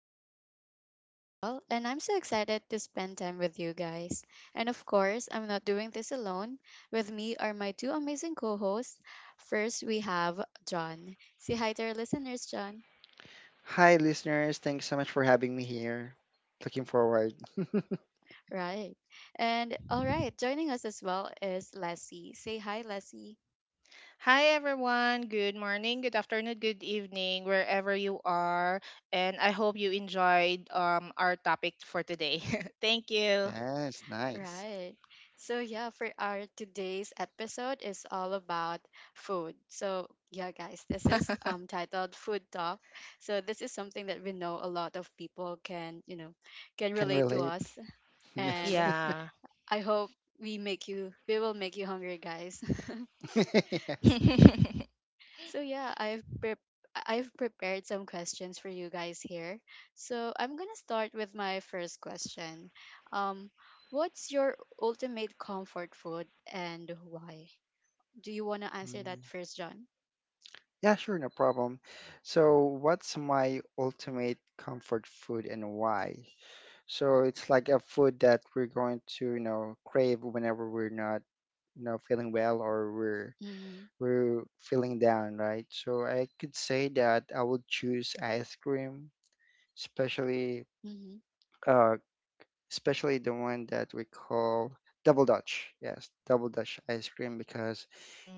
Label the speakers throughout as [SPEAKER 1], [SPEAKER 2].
[SPEAKER 1] your host, Rochelle, and I'm so excited to spend time with you guys. And of course, I'm not doing this alone. With me are my two amazing co hosts. First, we have John. Say hi to our listeners, John.
[SPEAKER 2] Hi, listeners. Thanks so much for having me here. Looking forward.
[SPEAKER 1] Right. And all right, joining us as well is Leslie. Say hi, Leslie.
[SPEAKER 3] Hi everyone. Good morning, good afternoon, good evening, wherever you are. And I hope you enjoyed our topic for today. Thank you.
[SPEAKER 2] Yes, nice.
[SPEAKER 1] Right. So yeah, for our today's episode is all about food. So yeah, guys, this is titled Food Talk. So this is something that we know a lot of people can, you know, can
[SPEAKER 2] Can
[SPEAKER 1] relate to
[SPEAKER 2] relate.
[SPEAKER 1] us
[SPEAKER 2] Yes.
[SPEAKER 1] and
[SPEAKER 3] Yeah.
[SPEAKER 1] I hope we will make you hungry, guys.
[SPEAKER 2] yes.
[SPEAKER 3] Mm.
[SPEAKER 1] So yeah, I've prepared some questions for you guys here. So I'm gonna start with my first question. Um, what's your ultimate comfort food and why? Do you wanna answer
[SPEAKER 2] Mm.
[SPEAKER 1] that first, John?
[SPEAKER 2] Yeah, sure, no problem. So, what's my ultimate comfort food and why? So, it's like a food that we're going to, crave whenever we're not, feeling well or we're
[SPEAKER 1] Mm-hmm.
[SPEAKER 2] we're feeling down, right? So, I could say that I would choose ice cream, especially
[SPEAKER 1] Mm-hmm.
[SPEAKER 2] uh, especially the one that we call double dutch, yes, double dutch ice cream, because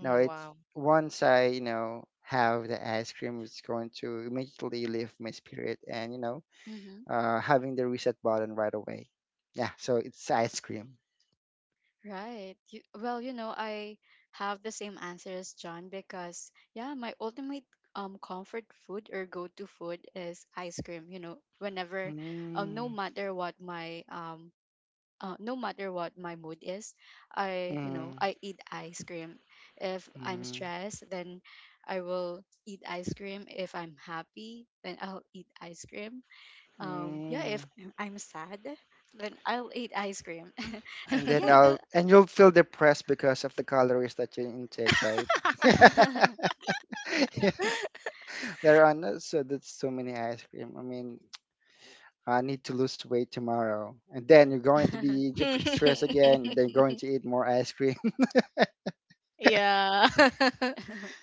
[SPEAKER 2] you know it's
[SPEAKER 3] Wow.
[SPEAKER 2] once I have the ice cream, it's going to immediately lift my spirit, and
[SPEAKER 1] Mm-hmm.
[SPEAKER 2] having the reset button right away. Yeah, so it's ice cream.
[SPEAKER 1] Right. Well, you know, I have the same answer as John because yeah, my ultimate comfort food or go-to food is ice cream. You know, whenever no
[SPEAKER 2] Mm,
[SPEAKER 1] matter what my no matter what my mood is, I, you know,
[SPEAKER 2] mm,
[SPEAKER 1] I eat ice cream. If I'm
[SPEAKER 2] mm,
[SPEAKER 1] stressed, then I will eat ice cream. If I'm happy, then I'll eat ice cream. Yeah, if
[SPEAKER 2] mm.
[SPEAKER 1] I'm sad, then I'll eat ice cream.
[SPEAKER 3] Uh-huh.
[SPEAKER 1] and
[SPEAKER 2] And then
[SPEAKER 1] yeah the
[SPEAKER 2] I'll and you'll feel depressed because of the calories that you intake, right? Yeah. Later on, not so that's so many ice cream. I need to lose weight tomorrow. And then you're going to be stressed again. Then you're going to eat more ice cream.
[SPEAKER 3] Yeah.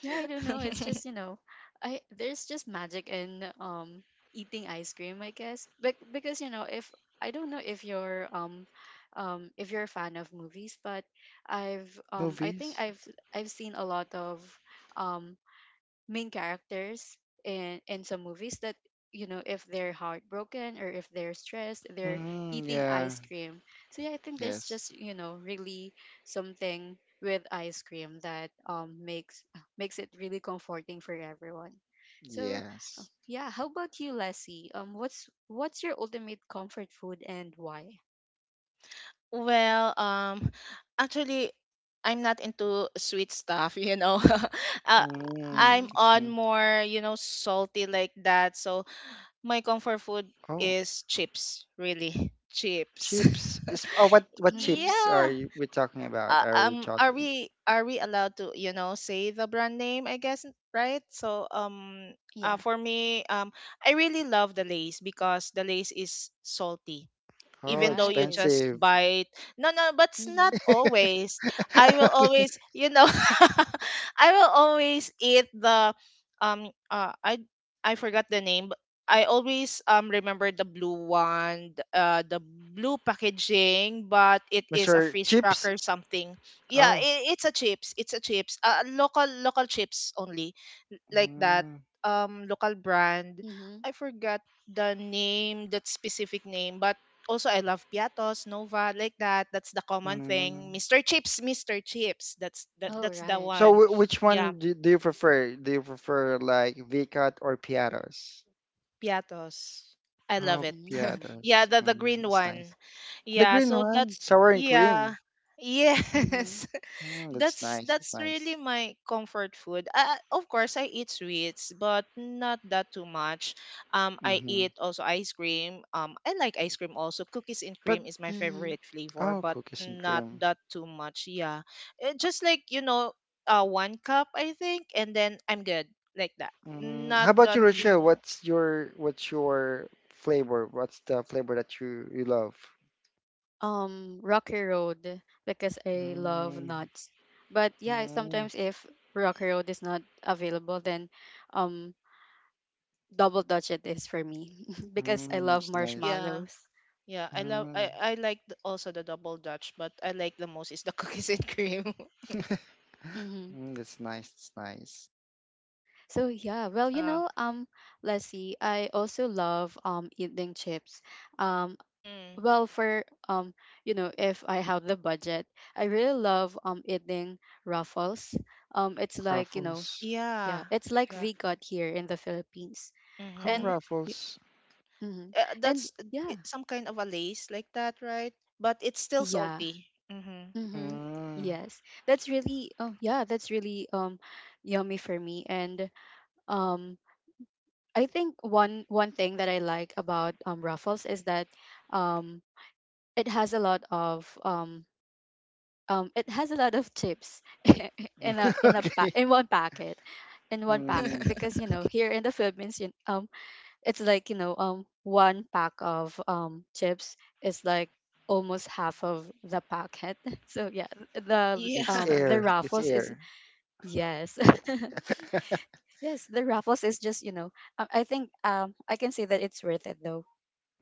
[SPEAKER 1] Yeah, I don't know. It's just, you know, I there's just magic in eating ice cream, I guess. But because, you know, if I don't know if you're a fan of movies, but I think
[SPEAKER 2] Movies?
[SPEAKER 1] I've seen a lot of um main characters in some movies that, you know, if they're heartbroken or if they're stressed, they're
[SPEAKER 2] Mm,
[SPEAKER 1] eating
[SPEAKER 2] yeah.
[SPEAKER 1] ice cream. So yeah, I think there's
[SPEAKER 2] Yes.
[SPEAKER 1] just, you know, really something with ice cream that makes makes it really comforting for everyone. So
[SPEAKER 2] Yes.
[SPEAKER 1] yeah, how about you, Leslie? What's your ultimate comfort food and why?
[SPEAKER 3] Well, actually, I'm not into sweet stuff, you know. uh,
[SPEAKER 2] Mm,
[SPEAKER 3] I'm
[SPEAKER 1] Mm-hmm.
[SPEAKER 3] on
[SPEAKER 2] mm.
[SPEAKER 3] more, you know, salty like that. So my comfort food
[SPEAKER 2] Oh,
[SPEAKER 3] is chips, really. Chips.
[SPEAKER 2] chips. Is, oh, what
[SPEAKER 1] Mm-hmm.
[SPEAKER 2] chips are
[SPEAKER 3] Yeah.
[SPEAKER 2] you, we talking about? Are we
[SPEAKER 3] Are
[SPEAKER 2] talking?
[SPEAKER 3] we are we allowed to, you know, say the brand name, I guess, right? So,
[SPEAKER 1] Yeah.
[SPEAKER 3] for me, I really love the Lay's because the Lay's is salty
[SPEAKER 2] Oh,
[SPEAKER 3] even though you
[SPEAKER 1] Right.
[SPEAKER 3] just
[SPEAKER 2] expensive.
[SPEAKER 3] bite. No, no, but it's not
[SPEAKER 1] Mm-hmm.
[SPEAKER 3] always. I will always, you know, I will always eat the um uh I I forgot the name, but I always remember the blue one, the blue packaging, but it is a
[SPEAKER 2] Mr.
[SPEAKER 3] fish
[SPEAKER 2] Chips.
[SPEAKER 3] cracker something. Yeah,
[SPEAKER 2] Oh.
[SPEAKER 3] it's a chips. It's a chips. Local chips only, like that.
[SPEAKER 2] Mm,
[SPEAKER 3] Local brand.
[SPEAKER 1] Mm-hmm.
[SPEAKER 3] I forgot the name, that specific name, but also, I love Piatos, Nova, like that. That's the common thing.
[SPEAKER 2] mm.
[SPEAKER 3] Mr. Chips, Mr. Chips. That's
[SPEAKER 1] Oh,
[SPEAKER 3] that's the
[SPEAKER 1] right.
[SPEAKER 2] So,
[SPEAKER 3] one.
[SPEAKER 2] which
[SPEAKER 3] Yeah,
[SPEAKER 2] one do you prefer? Do you prefer like V-Cut or Piatos?
[SPEAKER 3] Piatos. I love
[SPEAKER 2] Oh,
[SPEAKER 3] it.
[SPEAKER 2] yeah,
[SPEAKER 1] Mm-hmm.
[SPEAKER 3] Yeah,
[SPEAKER 2] there's.
[SPEAKER 3] the
[SPEAKER 2] Mm,
[SPEAKER 3] green
[SPEAKER 2] it's
[SPEAKER 3] one.
[SPEAKER 2] nice. The
[SPEAKER 3] Yeah,
[SPEAKER 2] green
[SPEAKER 3] so
[SPEAKER 2] one,
[SPEAKER 3] that's
[SPEAKER 2] sour and
[SPEAKER 3] yeah.
[SPEAKER 2] cream.
[SPEAKER 1] Mm-hmm.
[SPEAKER 3] Yes.
[SPEAKER 2] Mm, that's
[SPEAKER 3] That's
[SPEAKER 2] nice. That's
[SPEAKER 3] really
[SPEAKER 2] nice.
[SPEAKER 3] my comfort food. Of course I eat sweets, but not that too much. Um, I
[SPEAKER 2] Mm-hmm.
[SPEAKER 3] eat also ice cream. Um, I like ice cream also. Cookies and
[SPEAKER 2] But
[SPEAKER 3] cream is my
[SPEAKER 1] Mm-hmm.
[SPEAKER 3] favorite flavor,
[SPEAKER 2] oh,
[SPEAKER 3] but
[SPEAKER 2] cookies and
[SPEAKER 3] not
[SPEAKER 2] cream.
[SPEAKER 3] that too much. Yeah. Just like, you know, uh, one cup I think and then I'm good like that.
[SPEAKER 2] Mm, how
[SPEAKER 3] Not
[SPEAKER 2] about you,
[SPEAKER 3] that, you
[SPEAKER 1] Mhm.
[SPEAKER 2] Rochelle?
[SPEAKER 3] know.
[SPEAKER 2] What's your flavor? What's the flavor that you love?
[SPEAKER 1] Rocky Road because I love
[SPEAKER 2] Mm,
[SPEAKER 1] nuts. But yeah,
[SPEAKER 2] mm,
[SPEAKER 1] sometimes if Rocky Road is not available, then um, Double Dutch it is for me because I
[SPEAKER 2] mm,
[SPEAKER 1] love
[SPEAKER 2] it's
[SPEAKER 3] Mm,
[SPEAKER 2] nice.
[SPEAKER 3] yeah.
[SPEAKER 1] marshmallows.
[SPEAKER 3] Yeah, I love
[SPEAKER 2] Mm,
[SPEAKER 3] I like also the double dutch, but I like the most is the cookies and cream.
[SPEAKER 1] Mm-hmm.
[SPEAKER 2] mm, that's nice. That's nice.
[SPEAKER 1] So yeah, well, you
[SPEAKER 3] Uh,
[SPEAKER 1] know, let's see. I also love eating chips. Um,
[SPEAKER 3] mhm.
[SPEAKER 1] well, for you know, if I have the budget, I really love eating Ruffles. It's like, you know,
[SPEAKER 2] Ruffles.
[SPEAKER 1] yeah,
[SPEAKER 3] Yeah,
[SPEAKER 1] it's like
[SPEAKER 3] yeah.
[SPEAKER 1] V-God here in the Philippines.
[SPEAKER 2] Oh,
[SPEAKER 1] And
[SPEAKER 3] Mm-hmm.
[SPEAKER 1] y-
[SPEAKER 2] Ruffles.
[SPEAKER 1] mhm. And
[SPEAKER 3] That's
[SPEAKER 1] yeah.
[SPEAKER 3] some kind of a lace like that, right? But it's still
[SPEAKER 1] Yeah.
[SPEAKER 3] salty. Mm-hmm.
[SPEAKER 1] Mhm.
[SPEAKER 2] Mm.
[SPEAKER 1] Yes. That's really, oh yeah, that's really yummy for me and um I think one thing that I like about Ruffles is that um it has a lot of it has a lot of chips
[SPEAKER 2] okay.
[SPEAKER 1] in one packet, in one packet,
[SPEAKER 2] Mm.
[SPEAKER 1] because you know here in the Philippines, you, it's like, you know, one pack of chips is like almost half of the packet. So yeah,
[SPEAKER 3] Yeah,
[SPEAKER 2] It's
[SPEAKER 1] the
[SPEAKER 2] air. It's
[SPEAKER 1] raffles is
[SPEAKER 2] air.
[SPEAKER 1] yes. Yes, the raffles is just, you know, I think, I can say that it's worth it though.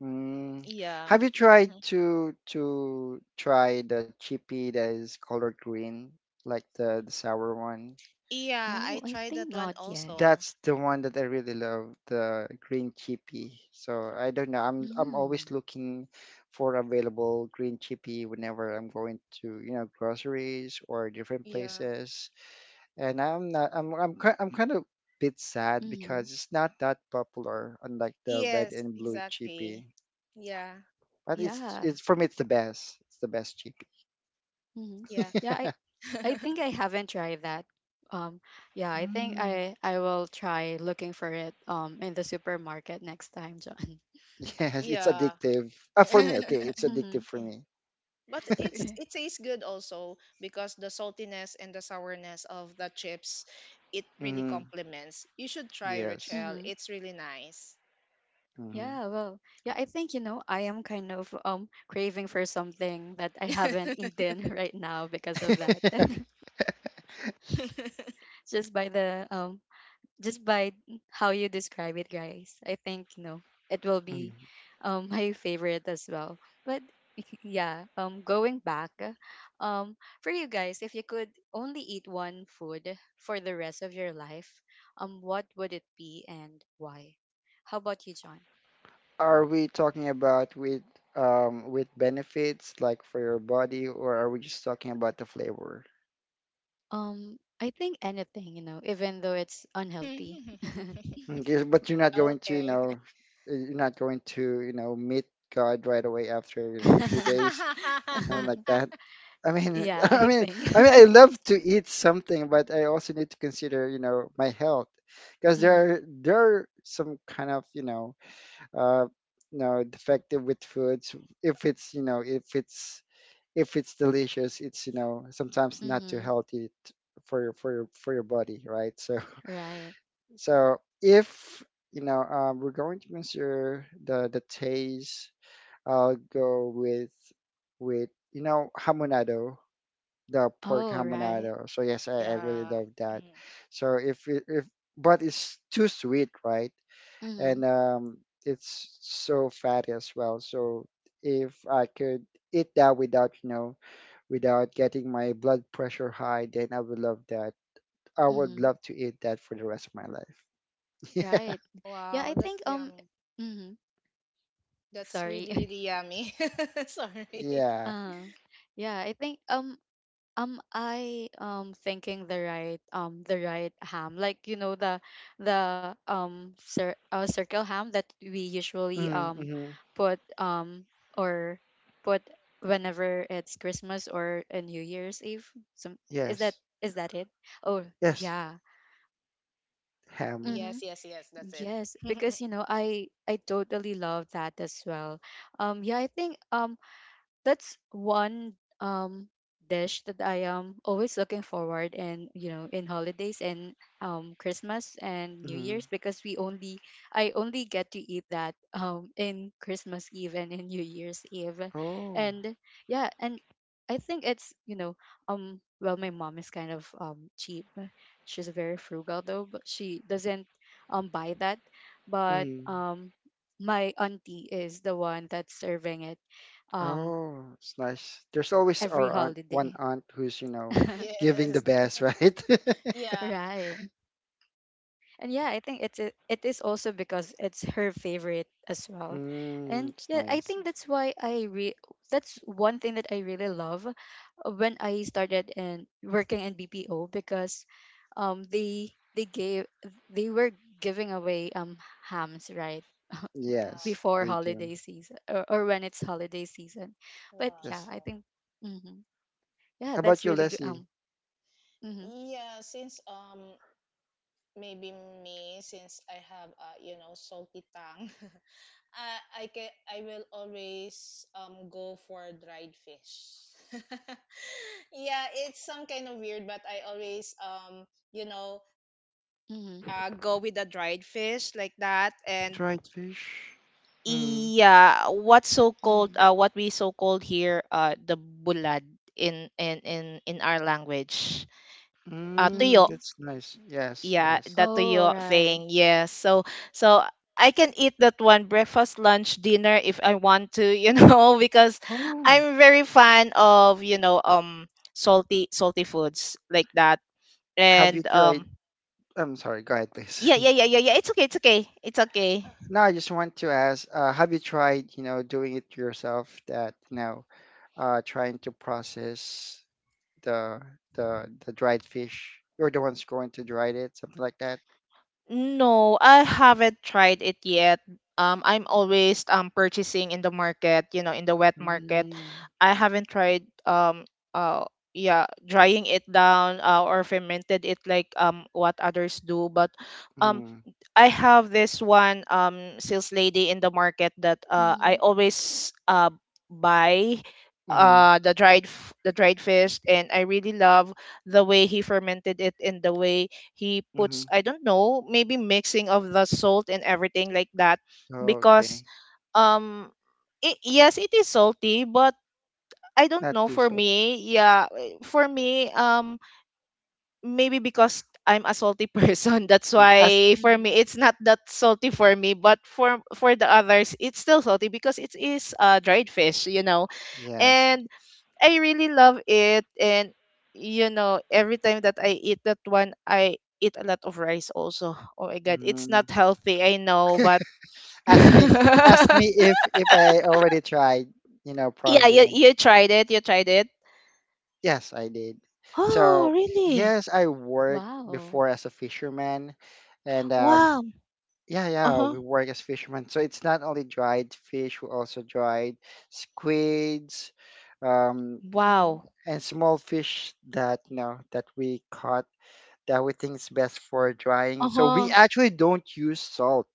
[SPEAKER 2] Mm.
[SPEAKER 3] yeah,
[SPEAKER 2] Have you tried
[SPEAKER 3] hmm
[SPEAKER 2] to try the chippy that is colored green, like the sour one?
[SPEAKER 3] yeah.
[SPEAKER 1] Oh,
[SPEAKER 3] I
[SPEAKER 1] I
[SPEAKER 3] tried
[SPEAKER 1] think
[SPEAKER 3] that one
[SPEAKER 1] not yet.
[SPEAKER 3] also.
[SPEAKER 2] That's the one that I really love, the green chippy. So I don't know. I'm always
[SPEAKER 1] Mm.
[SPEAKER 2] looking for available green chippy whenever I'm going to, you know, groceries or different
[SPEAKER 3] Yeah.
[SPEAKER 2] places. And I'm not I'm I'm ki- I'm kind of bit sad
[SPEAKER 1] Mm-hmm.
[SPEAKER 2] because it's not that popular, unlike the red
[SPEAKER 3] Yes,
[SPEAKER 2] and blue
[SPEAKER 3] exactly.
[SPEAKER 2] chippy.
[SPEAKER 3] Yeah,
[SPEAKER 2] But
[SPEAKER 1] Yeah.
[SPEAKER 2] it's for me it's the best. It's the best
[SPEAKER 1] Mm-hmm.
[SPEAKER 3] yeah.
[SPEAKER 1] yeah i
[SPEAKER 2] chicken.
[SPEAKER 3] Th-
[SPEAKER 1] I think I haven't tried that. um yeah, I think
[SPEAKER 2] Mm.
[SPEAKER 1] I will try looking for it in the supermarket next time, John.
[SPEAKER 2] Yes, it's
[SPEAKER 3] yeah.
[SPEAKER 2] addictive. Ah, for me, okay, it's
[SPEAKER 1] Mm-hmm.
[SPEAKER 2] addictive for me.
[SPEAKER 3] But it tastes good also because the saltiness and the sourness of the chips, it really
[SPEAKER 2] Hmm.
[SPEAKER 3] complements. You should try,
[SPEAKER 2] Yes.
[SPEAKER 3] Rachel.
[SPEAKER 1] Mm-hmm.
[SPEAKER 3] It's really nice.
[SPEAKER 2] Hmm.
[SPEAKER 1] Yeah, well, yeah, I think, you know, I am kind of craving for something that I haven't eaten right now because of that. Just by the just by how you describe it, guys. I think, you know, it will be my favorite as well. But yeah, going back, um for you guys, if you could only eat one food for the rest of your life, what would it be and why? How about you, John?
[SPEAKER 2] Are we talking about with benefits like for your body, or are we just talking about the flavor?
[SPEAKER 1] I think anything, you know, even though it's unhealthy.
[SPEAKER 2] Okay, but you're not going to,
[SPEAKER 3] Okay.
[SPEAKER 2] you're not going to, you know, meet God right away after a few days, something like that. I mean,
[SPEAKER 1] Yeah,
[SPEAKER 2] I
[SPEAKER 1] I
[SPEAKER 2] mean,
[SPEAKER 1] think.
[SPEAKER 2] I mean, I love to eat something, but I also need to consider, you know, my health, because there
[SPEAKER 1] Mm-hmm.
[SPEAKER 2] are there are some kind of, uh, you know, defective with foods. If it's, you know, if it's if it's delicious, it's, you know, sometimes not too
[SPEAKER 1] Mm-hmm.
[SPEAKER 2] healthy for your for your for your body, right? So
[SPEAKER 1] Right.
[SPEAKER 2] so if you know, we're going to consider the taste. I'll go with hamonado, the pork
[SPEAKER 1] Oh, right.
[SPEAKER 2] hamonado. So yes,
[SPEAKER 3] Oh,
[SPEAKER 2] I really
[SPEAKER 3] yeah.
[SPEAKER 2] love that.
[SPEAKER 3] Mm.
[SPEAKER 2] So if it, if But it's too sweet, right? And
[SPEAKER 1] Mm-hmm.
[SPEAKER 2] it's so fatty as well. So if I could eat that without without getting my blood pressure high, then I would love that. I would
[SPEAKER 1] Mm-hmm.
[SPEAKER 2] love to eat that for the rest of my life. yeah,
[SPEAKER 1] Right. Yeah, I
[SPEAKER 3] Wow,
[SPEAKER 1] think
[SPEAKER 3] that's yum.
[SPEAKER 1] mm-hmm.
[SPEAKER 3] That's
[SPEAKER 1] Sorry.
[SPEAKER 3] really, really yummy. Sorry.
[SPEAKER 2] yeah.
[SPEAKER 1] uh yeah, I think am I thinking the right ham? Like, you know, the circle ham that we usually
[SPEAKER 2] Mm-hmm.
[SPEAKER 1] put um or put whenever it's Christmas or a New Year's Eve. Some Is that
[SPEAKER 2] Yes,
[SPEAKER 1] it? Oh
[SPEAKER 2] yes.
[SPEAKER 1] yeah.
[SPEAKER 2] Ham.
[SPEAKER 1] Mm-hmm.
[SPEAKER 3] Yes, yes, yes, that's it.
[SPEAKER 1] Yes, because you know I totally love that as well. Yeah, I think that's one um dish that I am always looking forward, and you know, in holidays and Christmas and New
[SPEAKER 2] Mm-hmm.
[SPEAKER 1] Year's, because we only I only get to eat that in Christmas Eve and in New Year's Eve,
[SPEAKER 2] Oh.
[SPEAKER 1] and yeah, and I think it's, you know, well, my mom is kind of cheap, she's very frugal though, but she doesn't buy that, but
[SPEAKER 2] Mm.
[SPEAKER 1] my auntie is the one that's serving it um
[SPEAKER 2] Oh, it's nice. There's always
[SPEAKER 1] every
[SPEAKER 2] our aunt, one
[SPEAKER 1] holiday.
[SPEAKER 2] aunt who's, you know, giving the
[SPEAKER 3] Yes.
[SPEAKER 2] best, right?
[SPEAKER 3] Yeah.
[SPEAKER 1] Right. And yeah, I think it's a, it is also because it's her favorite as well.
[SPEAKER 2] Mm,
[SPEAKER 1] And
[SPEAKER 2] it's
[SPEAKER 1] yeah, I
[SPEAKER 2] nice.
[SPEAKER 1] think that's why I re that's one thing that I really love when I started in working in BPO, because they gave they were giving away hams, right?
[SPEAKER 3] Wow.
[SPEAKER 2] Yes,
[SPEAKER 1] Before
[SPEAKER 2] they do.
[SPEAKER 1] holiday season or when it's holiday season. But yeah,
[SPEAKER 2] Yes.
[SPEAKER 1] I
[SPEAKER 3] Wow.
[SPEAKER 1] think hmm, yeah,
[SPEAKER 2] How
[SPEAKER 1] that's
[SPEAKER 2] about you,
[SPEAKER 1] really good.
[SPEAKER 2] Leslie?
[SPEAKER 1] Hmm.
[SPEAKER 3] Yeah, since maybe me since I have you know, salty tongue, I will always go for dried fish. Yeah, it's some kind of weird, but I always you know,
[SPEAKER 1] Mm-hmm.
[SPEAKER 3] go with the dried fish like that. And
[SPEAKER 2] Dried fish. Mm.
[SPEAKER 3] yeah, what's so called,
[SPEAKER 1] Mm-hmm.
[SPEAKER 3] what we so called here, the bulad in our language. Uh,
[SPEAKER 2] Mm,
[SPEAKER 3] tuyo.
[SPEAKER 1] Mhm.
[SPEAKER 2] that's nice. Yes,
[SPEAKER 3] Yeah,
[SPEAKER 2] yes.
[SPEAKER 3] that
[SPEAKER 1] Oh,
[SPEAKER 3] toyo
[SPEAKER 1] right.
[SPEAKER 3] thing, yes. So so I can eat that one breakfast, lunch, dinner if I want to, you know. Because
[SPEAKER 2] Oh,
[SPEAKER 3] I'm very fan of, you know, salty foods like that.
[SPEAKER 2] have you
[SPEAKER 3] And
[SPEAKER 2] tried? I'm sorry, go ahead, please.
[SPEAKER 3] yeah, it's okay, it's okay, it's okay.
[SPEAKER 2] No, I just want to ask, have you tried, you know, doing it yourself that, you know, trying to process the the dried fish. You're the ones going to dry it, something like that.
[SPEAKER 3] No, I haven't tried it yet. I'm always purchasing in the market, you know, in the wet market.
[SPEAKER 2] Mm,
[SPEAKER 3] I haven't tried uh yeah, drying it down, or fermented it like what others do. But um
[SPEAKER 2] mm,
[SPEAKER 3] I have this one sales lady in the market that I
[SPEAKER 1] Mhm.
[SPEAKER 3] always buy
[SPEAKER 2] mm-hmm,
[SPEAKER 3] the the dried fish, and I really love the way he fermented it, and the way he
[SPEAKER 2] mm-hmm.
[SPEAKER 3] puts, I don't know, maybe mixing of the salt and everything like that, because
[SPEAKER 2] Okay,
[SPEAKER 3] um yes, it is salty, but I don't
[SPEAKER 2] not
[SPEAKER 3] know,
[SPEAKER 2] too
[SPEAKER 3] for
[SPEAKER 2] salty.
[SPEAKER 3] me, yeah, for me, maybe because I'm a salty person. That's
[SPEAKER 2] Mm, ask,
[SPEAKER 3] why for me
[SPEAKER 1] Mhm.
[SPEAKER 3] it's not that salty for me, but for the others it's still salty because it is uh, dried fish, you know.
[SPEAKER 2] yes.
[SPEAKER 3] And I really love it, and you know, every time that I eat that one, I eat a lot of rice also. Oh my god, it's
[SPEAKER 2] Mm.
[SPEAKER 3] not healthy, I know, but
[SPEAKER 2] Ask me, Ask me if I already tried, you know,
[SPEAKER 3] yeah, you
[SPEAKER 2] processing it.
[SPEAKER 3] you tried it, you tried it.
[SPEAKER 2] Yes, I did.
[SPEAKER 3] Oh,
[SPEAKER 2] So
[SPEAKER 3] really?
[SPEAKER 2] yes, I worked
[SPEAKER 1] Wow.
[SPEAKER 2] before as a fisherman, and
[SPEAKER 3] Wow.
[SPEAKER 2] yeah, yeah,
[SPEAKER 3] Uh-huh.
[SPEAKER 2] we work as fishermen. So it's not only dried fish, we also dried squids, um,
[SPEAKER 1] Mhm.
[SPEAKER 3] Wow.
[SPEAKER 2] and small fish that you know that we caught that we think is best for drying. So we
[SPEAKER 3] Uh-huh.
[SPEAKER 2] actually don't use salt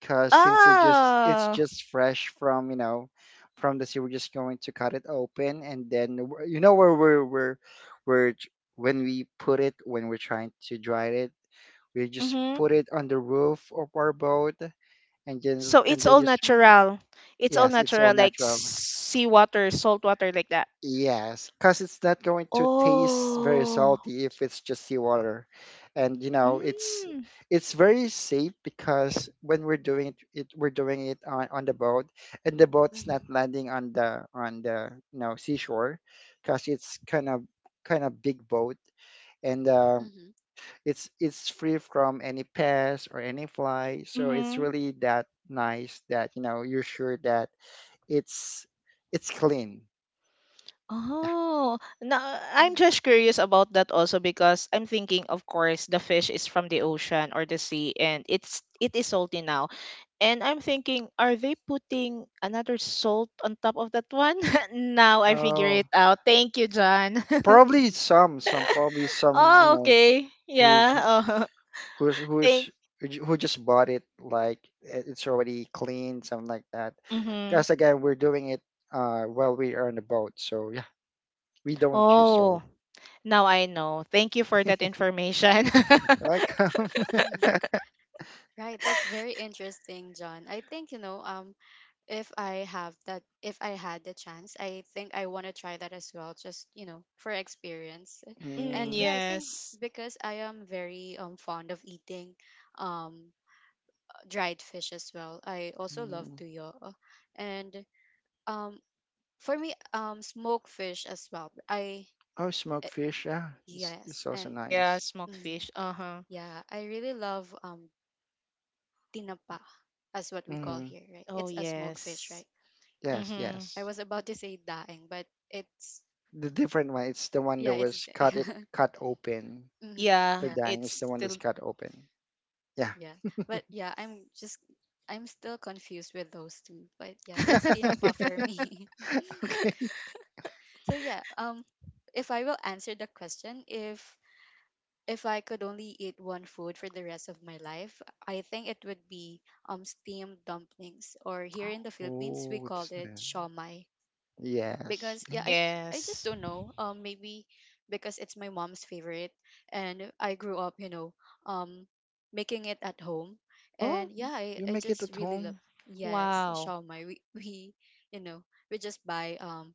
[SPEAKER 2] because since it just it's
[SPEAKER 3] Ah.
[SPEAKER 2] just fresh from you know from the sea. We're just going to cut it open, and then you know where we're j- when we put it, when we're trying to dry it, we just
[SPEAKER 3] Mm-hmm.
[SPEAKER 2] put it on the roof of our boat, and just
[SPEAKER 3] So
[SPEAKER 2] and
[SPEAKER 3] it's
[SPEAKER 2] they
[SPEAKER 3] all
[SPEAKER 2] just
[SPEAKER 1] Mhm.
[SPEAKER 3] natural. It's all
[SPEAKER 2] yes, it's all
[SPEAKER 3] natural, like
[SPEAKER 2] natural.
[SPEAKER 3] seawater, salt water, like that.
[SPEAKER 2] Yes, because it's not going to taste very
[SPEAKER 3] Oh.
[SPEAKER 2] salty if it's just seawater, and you know it's
[SPEAKER 3] Mm.
[SPEAKER 2] it's very safe because when we're doing it, we're doing it on the boat, and the boat's not
[SPEAKER 1] Mhm.
[SPEAKER 2] landing on the you know seashore, because it's kind of big boat, and
[SPEAKER 1] Mhm.
[SPEAKER 2] it's free from any pests or any fly, so it's
[SPEAKER 3] Mm-hmm.
[SPEAKER 2] really that nice that you know you're sure that it's it's clean.
[SPEAKER 3] Oh, now, I'm
[SPEAKER 1] Mhm.
[SPEAKER 3] just curious about that also because I'm thinking, of course, the fish is from the ocean or the sea, and it is salty now. And I'm thinking, are they putting another salt on top of that one? Now I figure
[SPEAKER 2] Oh,
[SPEAKER 3] it out. Thank you, John.
[SPEAKER 1] Mhm.
[SPEAKER 2] probably some, you
[SPEAKER 3] Oh,
[SPEAKER 2] know,
[SPEAKER 3] okay.
[SPEAKER 2] who's
[SPEAKER 3] Yeah. Oh,
[SPEAKER 2] who's
[SPEAKER 3] thank.
[SPEAKER 2] who's who who just bought it like it's already clean, something like that.
[SPEAKER 3] Mm-hmm.
[SPEAKER 2] Because again, we're doing it while we are on the boat, so yeah, we don't use
[SPEAKER 1] Mhm.
[SPEAKER 2] oil.
[SPEAKER 3] Oh, now I know. Thank you for that information.
[SPEAKER 2] Like,
[SPEAKER 1] Mhm. Right, that's very interesting, John. I think, you know, if I have that, if I had the chance, I think I want to try that as well, just, you know, for experience.
[SPEAKER 3] Mm,
[SPEAKER 2] mm,
[SPEAKER 1] And yeah, I think
[SPEAKER 3] yes.
[SPEAKER 1] because I am very fond of eating um dried fish as well. I also love
[SPEAKER 2] mm.
[SPEAKER 1] tuyo. And um for me, smoked fish as well.
[SPEAKER 2] Oh, smoked
[SPEAKER 1] Eh,
[SPEAKER 2] fish, yeah, it's
[SPEAKER 1] yes,
[SPEAKER 2] also
[SPEAKER 1] and
[SPEAKER 3] Yeah,
[SPEAKER 2] nice.
[SPEAKER 3] smoked
[SPEAKER 1] mhm,
[SPEAKER 3] fish. Uh-huh.
[SPEAKER 1] yeah, I really love tinapa, as what we call
[SPEAKER 2] Hmm.
[SPEAKER 1] here, right?
[SPEAKER 3] Oh,
[SPEAKER 1] It's a smoked fish,
[SPEAKER 3] yes.
[SPEAKER 1] right? Yeah,
[SPEAKER 2] Yes,
[SPEAKER 3] Mm-hmm.
[SPEAKER 1] I
[SPEAKER 2] yes.
[SPEAKER 1] was about to say daeng, but it's
[SPEAKER 2] The different one, it's the one
[SPEAKER 1] yeah,
[SPEAKER 2] that
[SPEAKER 1] it's
[SPEAKER 2] was cut it cut open.
[SPEAKER 1] hmm
[SPEAKER 3] Yeah,
[SPEAKER 2] The
[SPEAKER 1] yeah,
[SPEAKER 2] dying
[SPEAKER 3] it's
[SPEAKER 2] is the one that's
[SPEAKER 3] still
[SPEAKER 2] cut open. Yeah.
[SPEAKER 1] yeah, but yeah, I'm still confused with those two, but yeah, it's tinapa
[SPEAKER 2] okay.
[SPEAKER 1] for me. So yeah, if I will answer the question, if I could only eat one food for the rest of my life, I think it would be steamed dumplings, or here in the Philippines we
[SPEAKER 2] Oh,
[SPEAKER 1] call
[SPEAKER 2] it's
[SPEAKER 1] it
[SPEAKER 2] nice.
[SPEAKER 1] shawmai,
[SPEAKER 2] Yes.
[SPEAKER 1] because yeah,
[SPEAKER 2] Yes.
[SPEAKER 1] I just
[SPEAKER 3] yes.
[SPEAKER 1] don't know, maybe because it's my mom's favorite, and I grew up, you know, um making it at home,
[SPEAKER 2] Oh,
[SPEAKER 1] and yeah,
[SPEAKER 2] you
[SPEAKER 1] I
[SPEAKER 2] make it
[SPEAKER 1] just
[SPEAKER 2] at
[SPEAKER 1] really love.
[SPEAKER 2] home.
[SPEAKER 1] Yes,
[SPEAKER 3] Wow.
[SPEAKER 1] shawmai, we we, you know, we just buy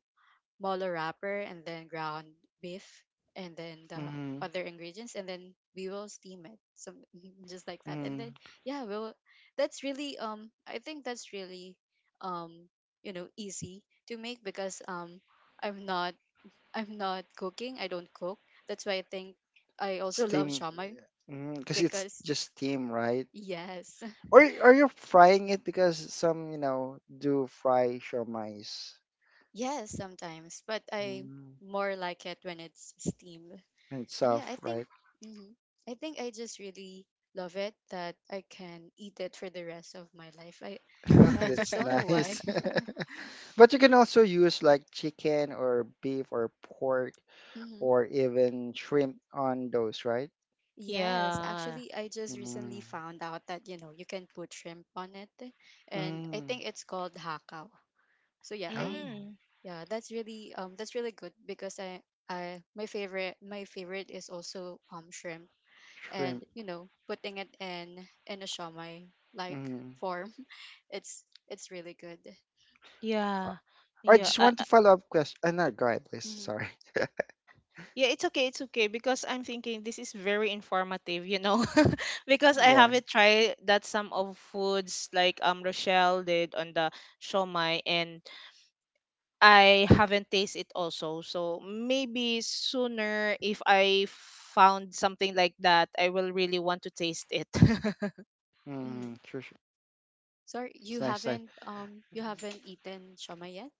[SPEAKER 1] molo wrapper and then ground beef and then the
[SPEAKER 2] Mm-hmm.
[SPEAKER 1] other ingredients, and then we will steam it, so just like that, and
[SPEAKER 2] Mm.
[SPEAKER 1] then yeah we'll that's really I think that's really um you know, easy to make because i'm not I'm not cooking, I don't cook, that's why I think I
[SPEAKER 2] It's
[SPEAKER 1] also love
[SPEAKER 2] steam.
[SPEAKER 1] shamai
[SPEAKER 2] Because it's
[SPEAKER 1] because
[SPEAKER 2] just steam, right?
[SPEAKER 1] yes.
[SPEAKER 2] Or are you frying it? Because some, you know, do fry shawmais.
[SPEAKER 1] Yes, sometimes, but I
[SPEAKER 2] Mm.
[SPEAKER 1] more like it when it's steamed.
[SPEAKER 2] And
[SPEAKER 1] And yeah,
[SPEAKER 2] soft,
[SPEAKER 1] I think,
[SPEAKER 2] right?
[SPEAKER 1] hmm, I think I just really love it that I can eat it for the rest of my life. I
[SPEAKER 2] Oh,
[SPEAKER 1] Yeah, I just
[SPEAKER 2] that's
[SPEAKER 1] don't know why.
[SPEAKER 2] nice. But you can also use like chicken or beef or pork
[SPEAKER 1] Hmm.
[SPEAKER 2] or even shrimp on those, right?
[SPEAKER 1] Yes,
[SPEAKER 3] Yeah.
[SPEAKER 1] actually, I just recently
[SPEAKER 2] Mm.
[SPEAKER 1] found out that you know you can put shrimp on it, and I
[SPEAKER 2] Mm.
[SPEAKER 1] think it's called hakao. So yeah, I
[SPEAKER 2] Oh,
[SPEAKER 3] Mm.
[SPEAKER 1] yeah, that's really good, because I, my favorite is also shrimp,
[SPEAKER 2] shrimp.
[SPEAKER 1] and you know, putting it in a shawmai like
[SPEAKER 2] Mm.
[SPEAKER 1] form, it's really good.
[SPEAKER 3] Yeah.
[SPEAKER 2] I
[SPEAKER 3] Yeah.
[SPEAKER 2] just
[SPEAKER 3] I,
[SPEAKER 2] want to follow up question. No, go ahead, please.
[SPEAKER 1] Mhm.
[SPEAKER 2] Sorry.
[SPEAKER 3] yeah, it's okay, it's okay, because I'm thinking this is very informative, you know, because I
[SPEAKER 2] Yeah.
[SPEAKER 3] haven't tried that some of foods like Rochelle did on the shomai, and I haven't tasted it also. So maybe sooner if I found something like that, I will really want to taste it.
[SPEAKER 2] Mm.
[SPEAKER 1] Mhm.
[SPEAKER 2] Sure, sure.
[SPEAKER 1] Sorry,
[SPEAKER 2] It's nice, nice.
[SPEAKER 1] you haven't eaten shoma yet?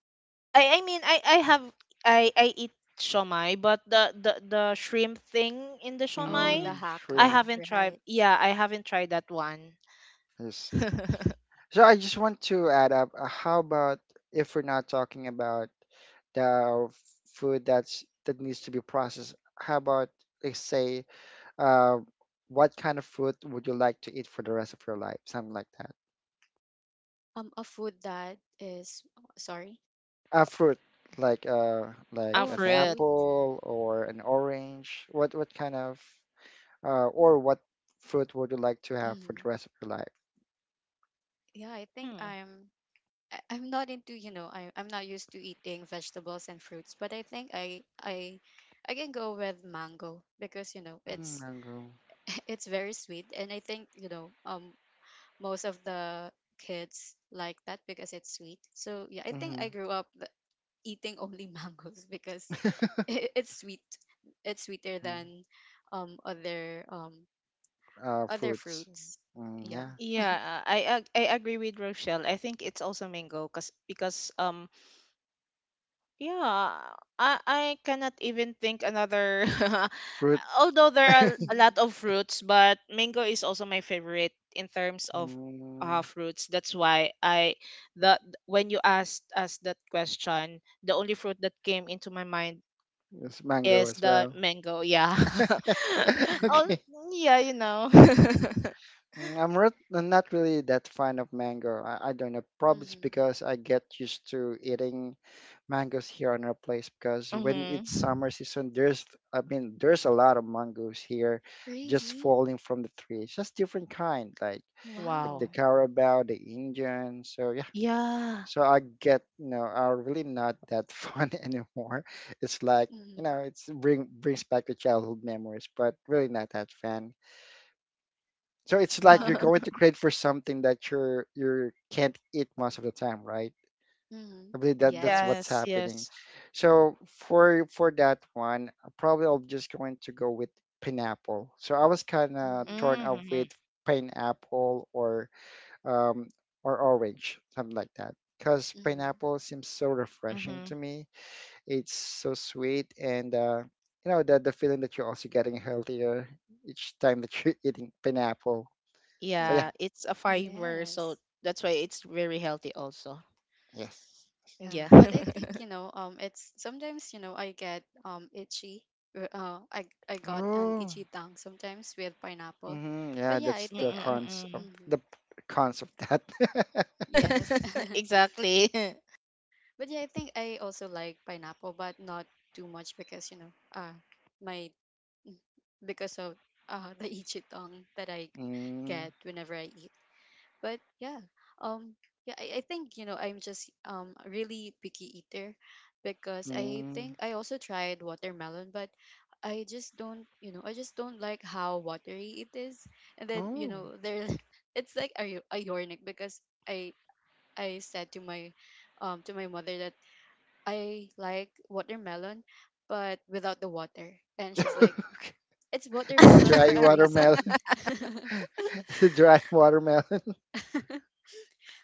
[SPEAKER 3] I have, I eat shomai, but the the shrimp thing in the
[SPEAKER 1] Oh,
[SPEAKER 3] shomai,
[SPEAKER 2] Mm.
[SPEAKER 1] the
[SPEAKER 3] I
[SPEAKER 2] Shrimp.
[SPEAKER 1] hakao,
[SPEAKER 3] haven't tried.
[SPEAKER 1] right.
[SPEAKER 3] Yeah, I haven't tried that one.
[SPEAKER 2] Let's see. So I just want to add up. How about if we're not talking about the food that's that needs to be processed? How about let's say, uh, what kind of food would you like to eat for the rest of your life? Something like that.
[SPEAKER 1] A food that is oh, sorry.
[SPEAKER 2] A fruit
[SPEAKER 3] Ah,
[SPEAKER 2] like
[SPEAKER 1] Oh, a
[SPEAKER 2] an
[SPEAKER 3] fruit.
[SPEAKER 1] fruit.
[SPEAKER 2] apple or an orange. What kind of or what fruit would you like to have for the
[SPEAKER 1] Mhm.
[SPEAKER 2] rest of your life?
[SPEAKER 1] Yeah, I think
[SPEAKER 3] Hmm.
[SPEAKER 1] I'm not into, you know, I'm not used to eating vegetables and fruits, but I think I can go with mango because, you know,
[SPEAKER 2] Mm,
[SPEAKER 1] it's
[SPEAKER 2] mango.
[SPEAKER 1] it's very sweet, and I think, you know, most of the kids like that because it's sweet. So, yeah, I think
[SPEAKER 2] Mm-hmm.
[SPEAKER 1] I grew up eating only mangoes because it's sweet. It's sweeter
[SPEAKER 2] Mm,
[SPEAKER 1] than other
[SPEAKER 2] uh,
[SPEAKER 1] other
[SPEAKER 2] fruits.
[SPEAKER 1] fruits.
[SPEAKER 2] Mm,
[SPEAKER 1] Yeah.
[SPEAKER 2] yeah,
[SPEAKER 3] Yeah, I agree with Rochelle. I think it's also mango cause, because yeah, I cannot even think another
[SPEAKER 2] fruit.
[SPEAKER 3] although there are a lot
[SPEAKER 1] Hmm.
[SPEAKER 3] of fruits, but mango is also my favorite in terms of uh,
[SPEAKER 2] Mm,
[SPEAKER 3] fruits. That's why I the when you asked us that question, the only fruit that came into my mind
[SPEAKER 2] it's mango
[SPEAKER 3] is
[SPEAKER 2] as
[SPEAKER 3] the
[SPEAKER 2] well.
[SPEAKER 3] mango. Yeah. Oh,
[SPEAKER 2] Okay.
[SPEAKER 3] yeah, you know.
[SPEAKER 2] Mm, I'm not really that fan of mango. I don't know. Probably it's
[SPEAKER 1] Hmm.
[SPEAKER 2] because I get used to eating mangoes here on our place. Because when
[SPEAKER 3] Mhm.
[SPEAKER 2] it's summer season, there's I mean there's a lot of mangoes here, just
[SPEAKER 1] Really?
[SPEAKER 2] falling from the trees. Just different kind, like the
[SPEAKER 1] Wow.
[SPEAKER 3] Wow.
[SPEAKER 2] Carabao, the Indian. So yeah.
[SPEAKER 3] Yeah.
[SPEAKER 2] So I get you know are really not that fun anymore. It's like you
[SPEAKER 1] Hmm.
[SPEAKER 2] know it's bring brings back the childhood memories, but really not that fan. So it's like you're
[SPEAKER 1] Wow.
[SPEAKER 2] going to crave for something that you're you can't eat most of the time, right?
[SPEAKER 1] Hmm.
[SPEAKER 2] I believe that that's what's
[SPEAKER 1] Yes.
[SPEAKER 3] Yes,
[SPEAKER 2] happening.
[SPEAKER 3] yes.
[SPEAKER 2] So for that one, probably I'm just going to go with pineapple. So I was kind of
[SPEAKER 1] Hmm.
[SPEAKER 2] torn up with
[SPEAKER 3] Mm-hmm.
[SPEAKER 2] pineapple um or orange, something like that. Because
[SPEAKER 1] Hmm.
[SPEAKER 2] pineapple seems so refreshing
[SPEAKER 3] Mm-hmm.
[SPEAKER 2] to me. It's so sweet and you know the feeling that you're also getting healthier each time that you're eating pineapple. So yeah,
[SPEAKER 1] Hmm.
[SPEAKER 3] Yeah, it's a fiber, so
[SPEAKER 1] Yes.
[SPEAKER 3] that's why it's very healthy also.
[SPEAKER 2] yes.
[SPEAKER 1] Yeah,
[SPEAKER 3] Yeah.
[SPEAKER 1] but I think, you know, it's sometimes, you know, I get itchy. r- Uh, I I got an
[SPEAKER 2] Oh.
[SPEAKER 1] itchy tongue sometimes with pineapple,
[SPEAKER 2] Hmm.
[SPEAKER 1] but
[SPEAKER 2] Yeah,
[SPEAKER 1] yeah, I
[SPEAKER 2] that's the
[SPEAKER 1] think
[SPEAKER 2] cons of
[SPEAKER 3] Mm-mm-mm.
[SPEAKER 1] mm-hmm.
[SPEAKER 2] the cons of that.
[SPEAKER 1] Yes.
[SPEAKER 3] Exactly.
[SPEAKER 1] But yeah, I think I also like pineapple, but not too much because, you know, my because of the ichitong that I
[SPEAKER 2] Mm-hmm.
[SPEAKER 1] get whenever I eat. But yeah, um yeah, I think, you know, I'm just really picky eater, because I think I also tried watermelon, but I just don't, you know, I just don't like how watery it is. And then, you
[SPEAKER 2] Oh.
[SPEAKER 1] know, there it's like a, ironic because I I said to my mother that I like watermelon but without the water. And she's like, "It's
[SPEAKER 2] It's a
[SPEAKER 1] watermelon for
[SPEAKER 2] dry
[SPEAKER 1] a reason."
[SPEAKER 2] watermelon. It's a dry watermelon.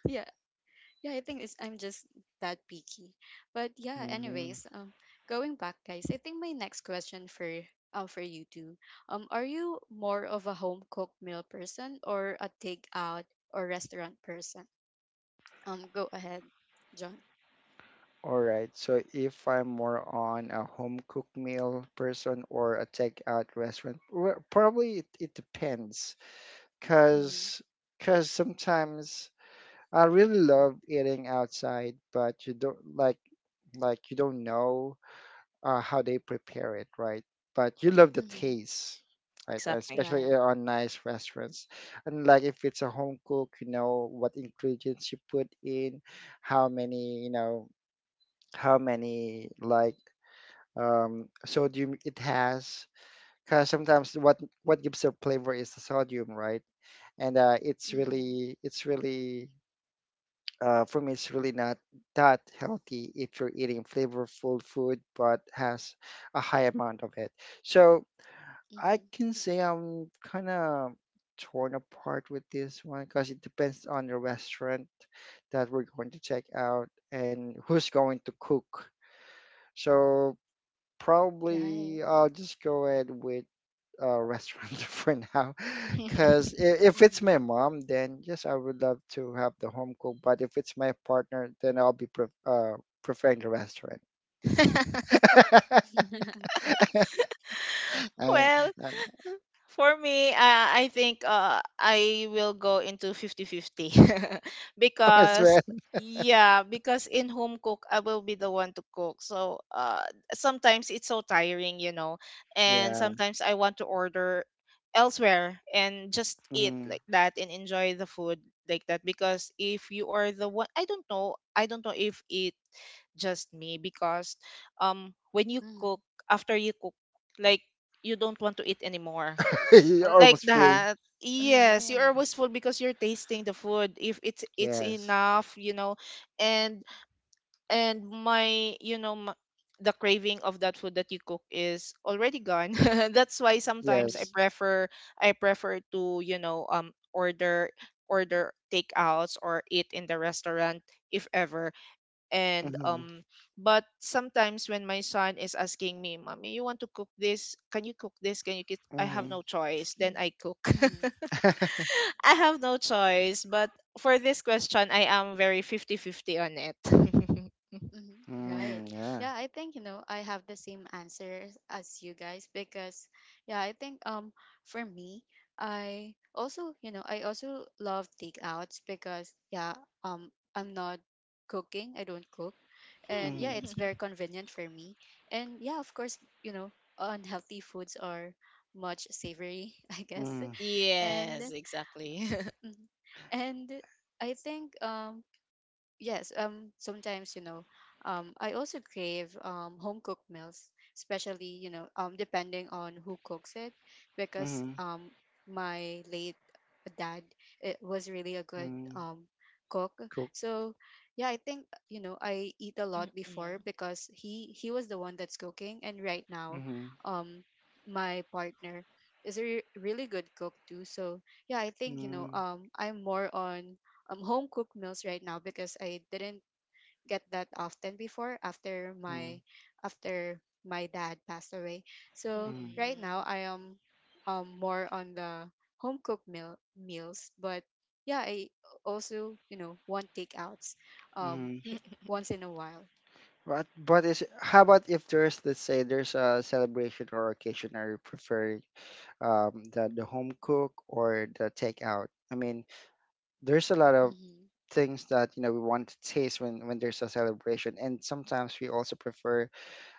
[SPEAKER 1] Yeah. Yeah, I think it's I'm just that picky. But yeah,
[SPEAKER 2] Mm.
[SPEAKER 1] anyways, going back, guys, I think my next question for for you two. Are you more of a home cooked meal person or a takeout or restaurant person? Go ahead, John.
[SPEAKER 2] All right. So if I'm more on a home cooked meal person or a takeout restaurant, well, probably it depends.
[SPEAKER 1] Mm-hmm.
[SPEAKER 2] Cause cause sometimes I really love eating outside, but you don't like. Like you don't know how they prepare it, right? But you love the
[SPEAKER 1] Mm-hmm.
[SPEAKER 2] taste, right?
[SPEAKER 3] Exactly.
[SPEAKER 2] Especially
[SPEAKER 1] Right.
[SPEAKER 2] on nice restaurants. And like if it's a home cook, you know what ingredients you put in, how many, you know, how many like sodium it has. Because sometimes what gives a flavor is the sodium, right? And it's
[SPEAKER 1] Mm-hmm.
[SPEAKER 2] really for me, it's really not that healthy if you're eating flavorful food but has a high amount of it. So I
[SPEAKER 1] Mm-hmm.
[SPEAKER 2] can say I'm kind of torn apart with this one because it depends on the restaurant that we're going to check out and who's going to cook. So probably
[SPEAKER 1] Right.
[SPEAKER 2] I'll just go ahead with restaurant for now. Because if it's
[SPEAKER 1] Mhm.
[SPEAKER 2] my mom, then yes, I would love to have the home cook. But if it's my partner, then I'll be preferring the restaurant. And
[SPEAKER 3] Well,
[SPEAKER 2] uh,
[SPEAKER 3] for me, I think I will go into 50-50
[SPEAKER 2] as
[SPEAKER 3] because
[SPEAKER 2] well,
[SPEAKER 1] Mhm.
[SPEAKER 3] yeah, because in home cook I will be the one to cook. So sometimes it's so tiring, you know, and
[SPEAKER 2] yeah,
[SPEAKER 3] sometimes I want to order elsewhere and just eat
[SPEAKER 2] mhm.
[SPEAKER 3] like that and enjoy the food like that, because if you are the one, I don't know if it just me, because when you cook
[SPEAKER 1] Mhm.
[SPEAKER 3] after you cook, like, you don't want to eat anymore
[SPEAKER 2] You're
[SPEAKER 3] like
[SPEAKER 2] almost full.
[SPEAKER 3] that. Yes, you are
[SPEAKER 1] Right.
[SPEAKER 3] wistful because you're tasting the food if it's
[SPEAKER 2] Yes,
[SPEAKER 3] enough, you know. And my, you know, my, the craving of that food that you cook is already gone. That's why sometimes i
[SPEAKER 2] yes.
[SPEAKER 1] Mhm.
[SPEAKER 3] prefer i prefer to, you know, order takeouts or eat in the restaurant if ever. And
[SPEAKER 2] Mm-hmm.
[SPEAKER 3] but sometimes when my son is asking me, mommy, you want to cook this, can you cook this, can you get, I have no choice, then I
[SPEAKER 1] Mhm.
[SPEAKER 3] cook.
[SPEAKER 1] Mhm.
[SPEAKER 2] Mm-hmm.
[SPEAKER 3] I have no choice, but for this question, I am very fifty-fifty on it.
[SPEAKER 1] Mhm. Right.
[SPEAKER 2] Mm, yeah.
[SPEAKER 1] Yeah, I think, you know, I have the same answers as you guys, because yeah, I think, for me, I also, you know, I also love takeouts because yeah, I'm not cooking, I don't cook, and yeah,
[SPEAKER 2] Mm-hmm.
[SPEAKER 1] it's very convenient for me. And yeah, of course, you know, unhealthy foods are much savory, I guess.
[SPEAKER 2] Mm-hmm.
[SPEAKER 1] And
[SPEAKER 3] Yes, exactly.
[SPEAKER 1] mhm. and I think, yes, sometimes, you know, I also crave home cooked meals, especially, you know, depending on who cooks it, because
[SPEAKER 2] Mm-hmm.
[SPEAKER 1] my late dad, it was really a good,
[SPEAKER 2] Mm-hmm.
[SPEAKER 1] cook.
[SPEAKER 2] Cook.
[SPEAKER 1] So, yeah, I think, you know, I eat a lot before
[SPEAKER 3] Mm-mm.
[SPEAKER 1] because he was the one that's cooking, and right now,
[SPEAKER 2] Mm-hmm.
[SPEAKER 1] um, my partner is a really good cook too. So, yeah, I think, you know,
[SPEAKER 2] Mm-hmm.
[SPEAKER 1] I'm more on home cooked meals right now because I didn't get that often before, after my dad passed away. So
[SPEAKER 2] Mm-hmm.
[SPEAKER 1] right
[SPEAKER 3] Mm-mm.
[SPEAKER 1] now I am more on the home cooked meals, but yeah, I also, you know, want takeouts um
[SPEAKER 2] Mm-hmm.
[SPEAKER 1] h- once in a while.
[SPEAKER 2] But is how about if there's, let's say, there's a celebration or occasion, are you prefer the home cook or the takeout? I mean, there's a lot of
[SPEAKER 1] Mm-hmm.
[SPEAKER 2] things that we want to taste when there's a celebration, and sometimes we also prefer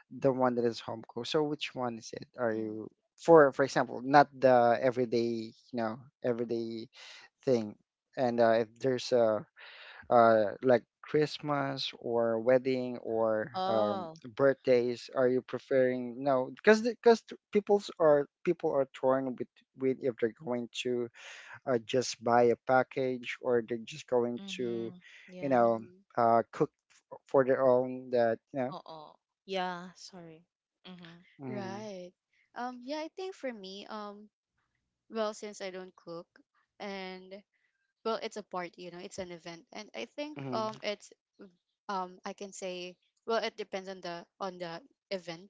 [SPEAKER 2] the one that is home cooked. So which one is it? Are
[SPEAKER 1] Mm-hmm.
[SPEAKER 2] you, for example, not the everyday, everyday thing, and if there's a like Christmas or wedding or
[SPEAKER 3] Oh.
[SPEAKER 2] birthdays? Are you preferring? No? Because people are torn with, if they're going to just buy a package or they're just going to,
[SPEAKER 3] Mm-hmm.
[SPEAKER 2] you
[SPEAKER 3] Yeah.
[SPEAKER 2] know,
[SPEAKER 1] Mm-hmm.
[SPEAKER 2] cook for their own. That.
[SPEAKER 3] Oo. Yeah, sorry. Mm-hmm.
[SPEAKER 2] Mm,
[SPEAKER 1] Right. Yeah, I think for me, Well, since I don't cook, and well, it's a party, you know, it's an event, and I think,
[SPEAKER 2] mm,
[SPEAKER 1] it's, I can say, well, it depends on the event.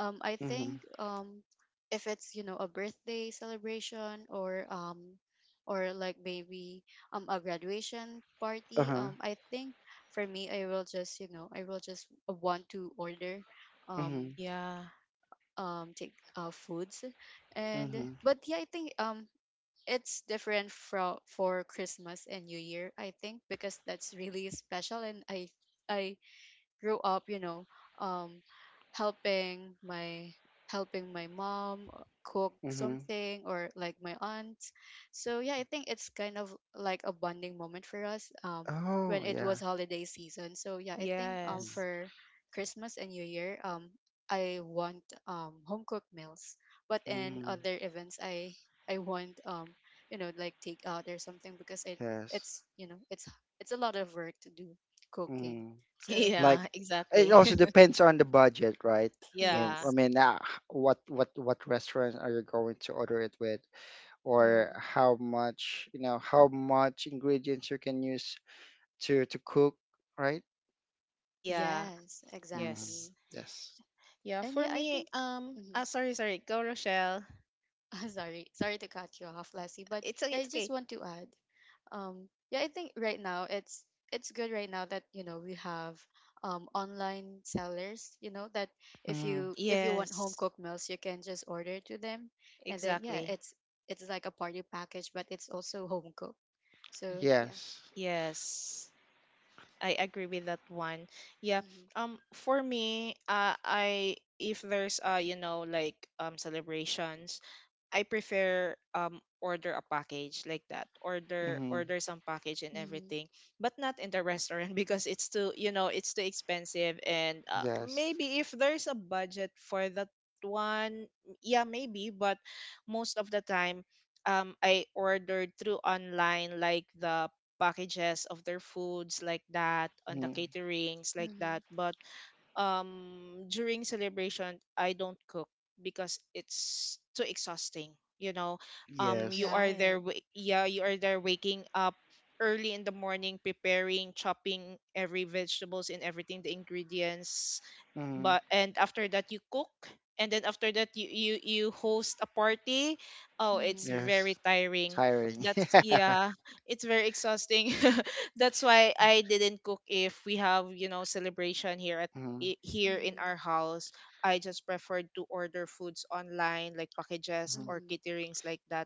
[SPEAKER 1] I
[SPEAKER 2] mm,
[SPEAKER 1] think, if it's, you know, a birthday celebration, or like maybe a graduation party,
[SPEAKER 2] uh-huh.
[SPEAKER 1] I think, for me, I will just, you know, I will just want to order um
[SPEAKER 2] Mm,
[SPEAKER 3] Yeah.
[SPEAKER 1] take foods. And
[SPEAKER 2] mm,
[SPEAKER 1] but yeah, I think, it's different for Christmas and New Year, I think, because that's really special, and I grew up, you know, um, helping my mom, cook
[SPEAKER 2] mm.
[SPEAKER 1] something, or like my aunt. So yeah, I think it's kind of like a bonding moment for us, when
[SPEAKER 2] Oh,
[SPEAKER 1] it
[SPEAKER 2] yeah.
[SPEAKER 1] was holiday season. So yeah, I think,
[SPEAKER 2] Mm,
[SPEAKER 3] Yes.
[SPEAKER 1] for Christmas and New Year, I want home cooked meals, but in
[SPEAKER 2] mm,
[SPEAKER 1] other events, I want, you know, like takeout or something, because it
[SPEAKER 2] yes.
[SPEAKER 1] it's you know, it's a lot of work to do cooking.
[SPEAKER 2] Mm-hmm.
[SPEAKER 1] So
[SPEAKER 2] Like
[SPEAKER 1] yeah.
[SPEAKER 3] Yeah,
[SPEAKER 2] it
[SPEAKER 3] exactly.
[SPEAKER 2] also depends on the budget, right?
[SPEAKER 3] Yeah.
[SPEAKER 2] I
[SPEAKER 1] Yes.
[SPEAKER 2] mean, what restaurants are you going to order it with, or
[SPEAKER 1] Hmm.
[SPEAKER 2] how much, how much ingredients you can use to cook, right?
[SPEAKER 3] Yeah.
[SPEAKER 1] Yes,
[SPEAKER 2] Hmm.
[SPEAKER 3] Yes.
[SPEAKER 1] exactly.
[SPEAKER 2] Yes.
[SPEAKER 3] Yeah,
[SPEAKER 1] And
[SPEAKER 3] for
[SPEAKER 1] yeah, I
[SPEAKER 3] me,
[SPEAKER 1] think. Mhm.
[SPEAKER 3] sorry, sorry. Go Rochelle.
[SPEAKER 1] Sorry, sorry to cut you off, Leslie. But
[SPEAKER 3] It's okay,
[SPEAKER 1] yeah, I
[SPEAKER 3] it's
[SPEAKER 1] just
[SPEAKER 3] okay.
[SPEAKER 1] want to add. Yeah, I think right now it's good right now that, you know, we have online sellers. You know, that if
[SPEAKER 2] Hmm.
[SPEAKER 1] you if you want home
[SPEAKER 3] Yes.
[SPEAKER 1] cooked meals, you can just order to them, and then yeah,
[SPEAKER 3] Exactly.
[SPEAKER 1] it's like a party package, but it's also home cooked. So yeah.
[SPEAKER 2] Yes.
[SPEAKER 3] Yes. I agree with that one. Yeah.
[SPEAKER 1] Mm-hmm.
[SPEAKER 3] Um, for me, I if there's you know, like celebrations, I prefer order a package like that.
[SPEAKER 2] Hmm.
[SPEAKER 3] Order some package and
[SPEAKER 1] Mm-hmm.
[SPEAKER 3] everything, but not in the restaurant because it's too, you know, it's too expensive. And
[SPEAKER 2] Yes.
[SPEAKER 3] maybe if there's a budget for that one, yeah, maybe. But most of the time, I ordered through online like the packages of their foods like that on the
[SPEAKER 2] Hmm.
[SPEAKER 3] caterings like that.
[SPEAKER 1] Mm-hmm.
[SPEAKER 3] But during celebration I don't cook because it's too exhausting, you know. You
[SPEAKER 2] Yes.
[SPEAKER 3] are there
[SPEAKER 1] Right.
[SPEAKER 3] yeah, you are there waking up early in the morning, preparing, chopping every vegetables and everything, the ingredients,
[SPEAKER 2] Hmm.
[SPEAKER 3] but and after that you cook, and then after that you you host a party. Oh, it's
[SPEAKER 1] Mm-hmm.
[SPEAKER 3] very
[SPEAKER 2] Yes.
[SPEAKER 3] tiring.
[SPEAKER 2] Tiring.
[SPEAKER 3] That's yeah, it's very exhausting. That's why I didn't cook if we have, you know, celebration here at here in our
[SPEAKER 1] Mm-hmm.
[SPEAKER 3] house. I just preferred to order foods online like packages
[SPEAKER 2] Mhm.
[SPEAKER 3] or
[SPEAKER 1] Mm-hmm.
[SPEAKER 3] caterings like that.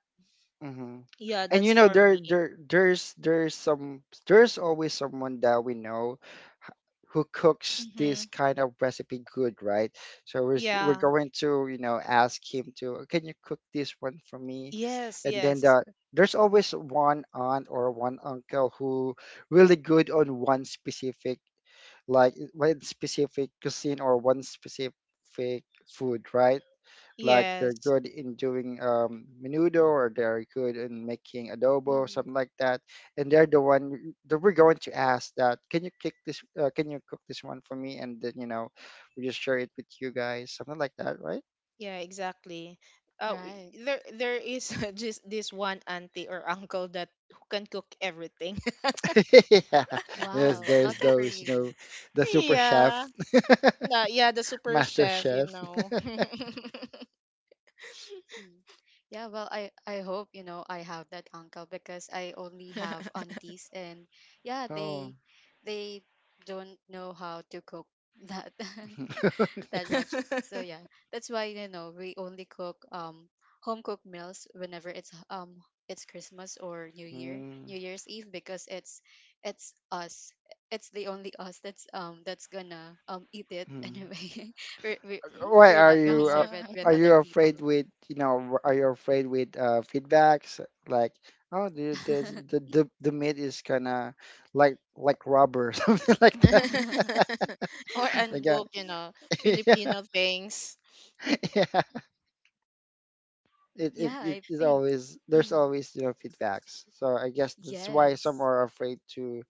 [SPEAKER 2] Mm-hmm.
[SPEAKER 3] Yeah,
[SPEAKER 2] And
[SPEAKER 3] that's for me.
[SPEAKER 2] there there there's some, there's always someone that we know, h- who cooks
[SPEAKER 3] Mm-hmm.
[SPEAKER 2] this kind of recipe good, right? So we're
[SPEAKER 3] Yeah,
[SPEAKER 2] going to, ask him to, can you cook this one for me?
[SPEAKER 3] yes
[SPEAKER 2] And then
[SPEAKER 3] yes
[SPEAKER 2] there's always one aunt or one uncle who really good on one specific, like one specific cuisine or one specific food, right? Like they're
[SPEAKER 3] yes.
[SPEAKER 2] good in doing menudo, or they're good in making adobo,
[SPEAKER 1] Mm-hmm.
[SPEAKER 2] something like that. And they're the one that we're going to ask that, can you cook this one for me, and then we just share it with you guys, something like that, right?
[SPEAKER 3] Yeah, exactly.
[SPEAKER 1] Right.
[SPEAKER 3] There there is just this one auntie or uncle that who can cook everything.
[SPEAKER 2] Yeah, there's
[SPEAKER 1] Wow.
[SPEAKER 2] there's
[SPEAKER 1] Lucky for
[SPEAKER 2] those,
[SPEAKER 1] you.
[SPEAKER 2] the super chef.
[SPEAKER 3] Yeah, yeah, the super
[SPEAKER 2] Master
[SPEAKER 3] chef, you
[SPEAKER 2] chef.
[SPEAKER 3] know.
[SPEAKER 1] Mm. Yeah, well, I hope, you know, I have that uncle, because I only have aunties, and yeah,
[SPEAKER 2] Oh.
[SPEAKER 1] they don't know how to cook that. That much. So yeah, that's why, you know, we only cook home cooked meals whenever it's Christmas or New Year,
[SPEAKER 2] Mm,
[SPEAKER 1] New Year's Eve, because it's us. It's the only us that's, that's gonna eat it,
[SPEAKER 2] mm.
[SPEAKER 1] anyway. we're, we're
[SPEAKER 2] Why
[SPEAKER 1] we're not gonna serve it with
[SPEAKER 2] are you
[SPEAKER 1] other people.
[SPEAKER 2] afraid with, feedbacks, like, oh, the the the the, the meat is kind of like rubber, something like that.
[SPEAKER 3] or
[SPEAKER 2] like uh,
[SPEAKER 3] uncooked, you know,
[SPEAKER 2] yeah.
[SPEAKER 3] Filipino things.
[SPEAKER 2] Yeah, it, it
[SPEAKER 1] Yeah,
[SPEAKER 2] it
[SPEAKER 1] I
[SPEAKER 2] is
[SPEAKER 1] think.
[SPEAKER 2] always, there's
[SPEAKER 1] Hmm.
[SPEAKER 2] always, feedbacks, so I guess that's why some
[SPEAKER 1] Yes.
[SPEAKER 2] are afraid to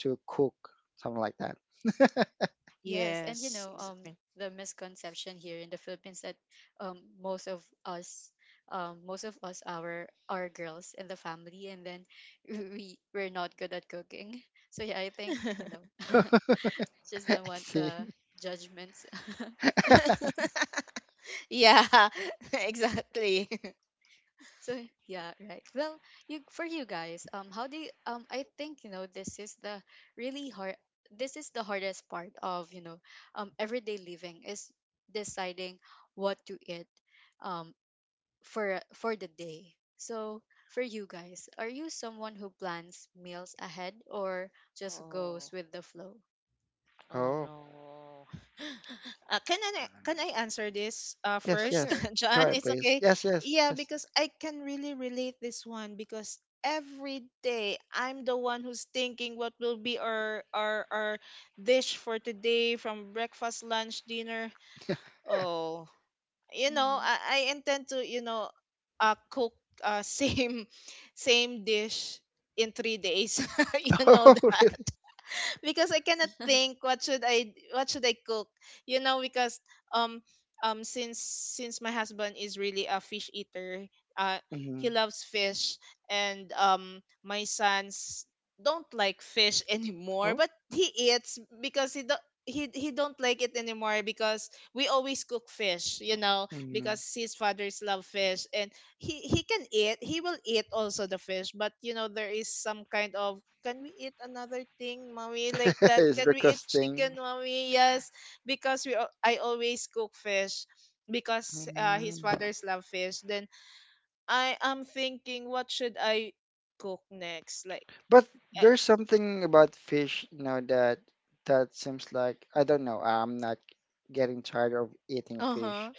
[SPEAKER 2] cook something like that.
[SPEAKER 1] Yes, and, you
[SPEAKER 3] Yes,
[SPEAKER 1] know,
[SPEAKER 3] exactly.
[SPEAKER 1] the misconception here in the Philippines that, um, most of us, most of us are girls in the family, and then, we're not good at cooking. So yeah, I think, you know, just
[SPEAKER 2] I
[SPEAKER 1] don't want the
[SPEAKER 2] see.
[SPEAKER 1] judgments.
[SPEAKER 3] Yeah, exactly.
[SPEAKER 1] So yeah, right. Well, you for you guys, how do you, I think, you know, this is the really hard. This is the hardest part of, you know, everyday living, is deciding what to eat, um, for the day. So, for you guys, are you someone who plans meals ahead or just
[SPEAKER 3] Oh.
[SPEAKER 1] goes with the flow?
[SPEAKER 3] Oh
[SPEAKER 2] Oh,
[SPEAKER 3] no. Can I answer this
[SPEAKER 2] yes,
[SPEAKER 1] Oh,
[SPEAKER 3] first,
[SPEAKER 2] yes,
[SPEAKER 1] sure.
[SPEAKER 2] go
[SPEAKER 3] John?
[SPEAKER 2] ahead,
[SPEAKER 3] It's
[SPEAKER 2] please,
[SPEAKER 3] okay.
[SPEAKER 2] yes, yes,
[SPEAKER 3] Yeah,
[SPEAKER 2] yes.
[SPEAKER 3] because I can really relate this one because every day I'm the one who's thinking what will be our our dish for today from breakfast, lunch, dinner. Oh, you know,
[SPEAKER 1] Mhm.
[SPEAKER 3] I intend to, you know, cook uh, same dish in 3 days. You know
[SPEAKER 2] Oh,
[SPEAKER 3] that.
[SPEAKER 2] really?
[SPEAKER 3] Because I cannot think what should I cook. You know, because um um since since my husband is really a fish eater. uh he
[SPEAKER 2] Hmm.
[SPEAKER 3] loves fish, and my sons don't like fish anymore,
[SPEAKER 2] Oh.
[SPEAKER 3] but he eats because he don't like it anymore because we always cook fish, you know,
[SPEAKER 2] Hmm.
[SPEAKER 3] because his fathers love fish, and he will eat also the fish. But you know, there is some kind of, can we eat another thing, mommy, like that, can
[SPEAKER 2] It's
[SPEAKER 3] we eat chicken,
[SPEAKER 2] requesting.
[SPEAKER 3] mommy? Yes, because I always cook fish because, his
[SPEAKER 2] Mm.
[SPEAKER 3] father's love fish. Then I am thinking, what should I cook next, like,
[SPEAKER 2] But there's something about fish, you know, that seems like, I don't know, I'm not getting tired of eating
[SPEAKER 3] uh,
[SPEAKER 2] fish.
[SPEAKER 3] huh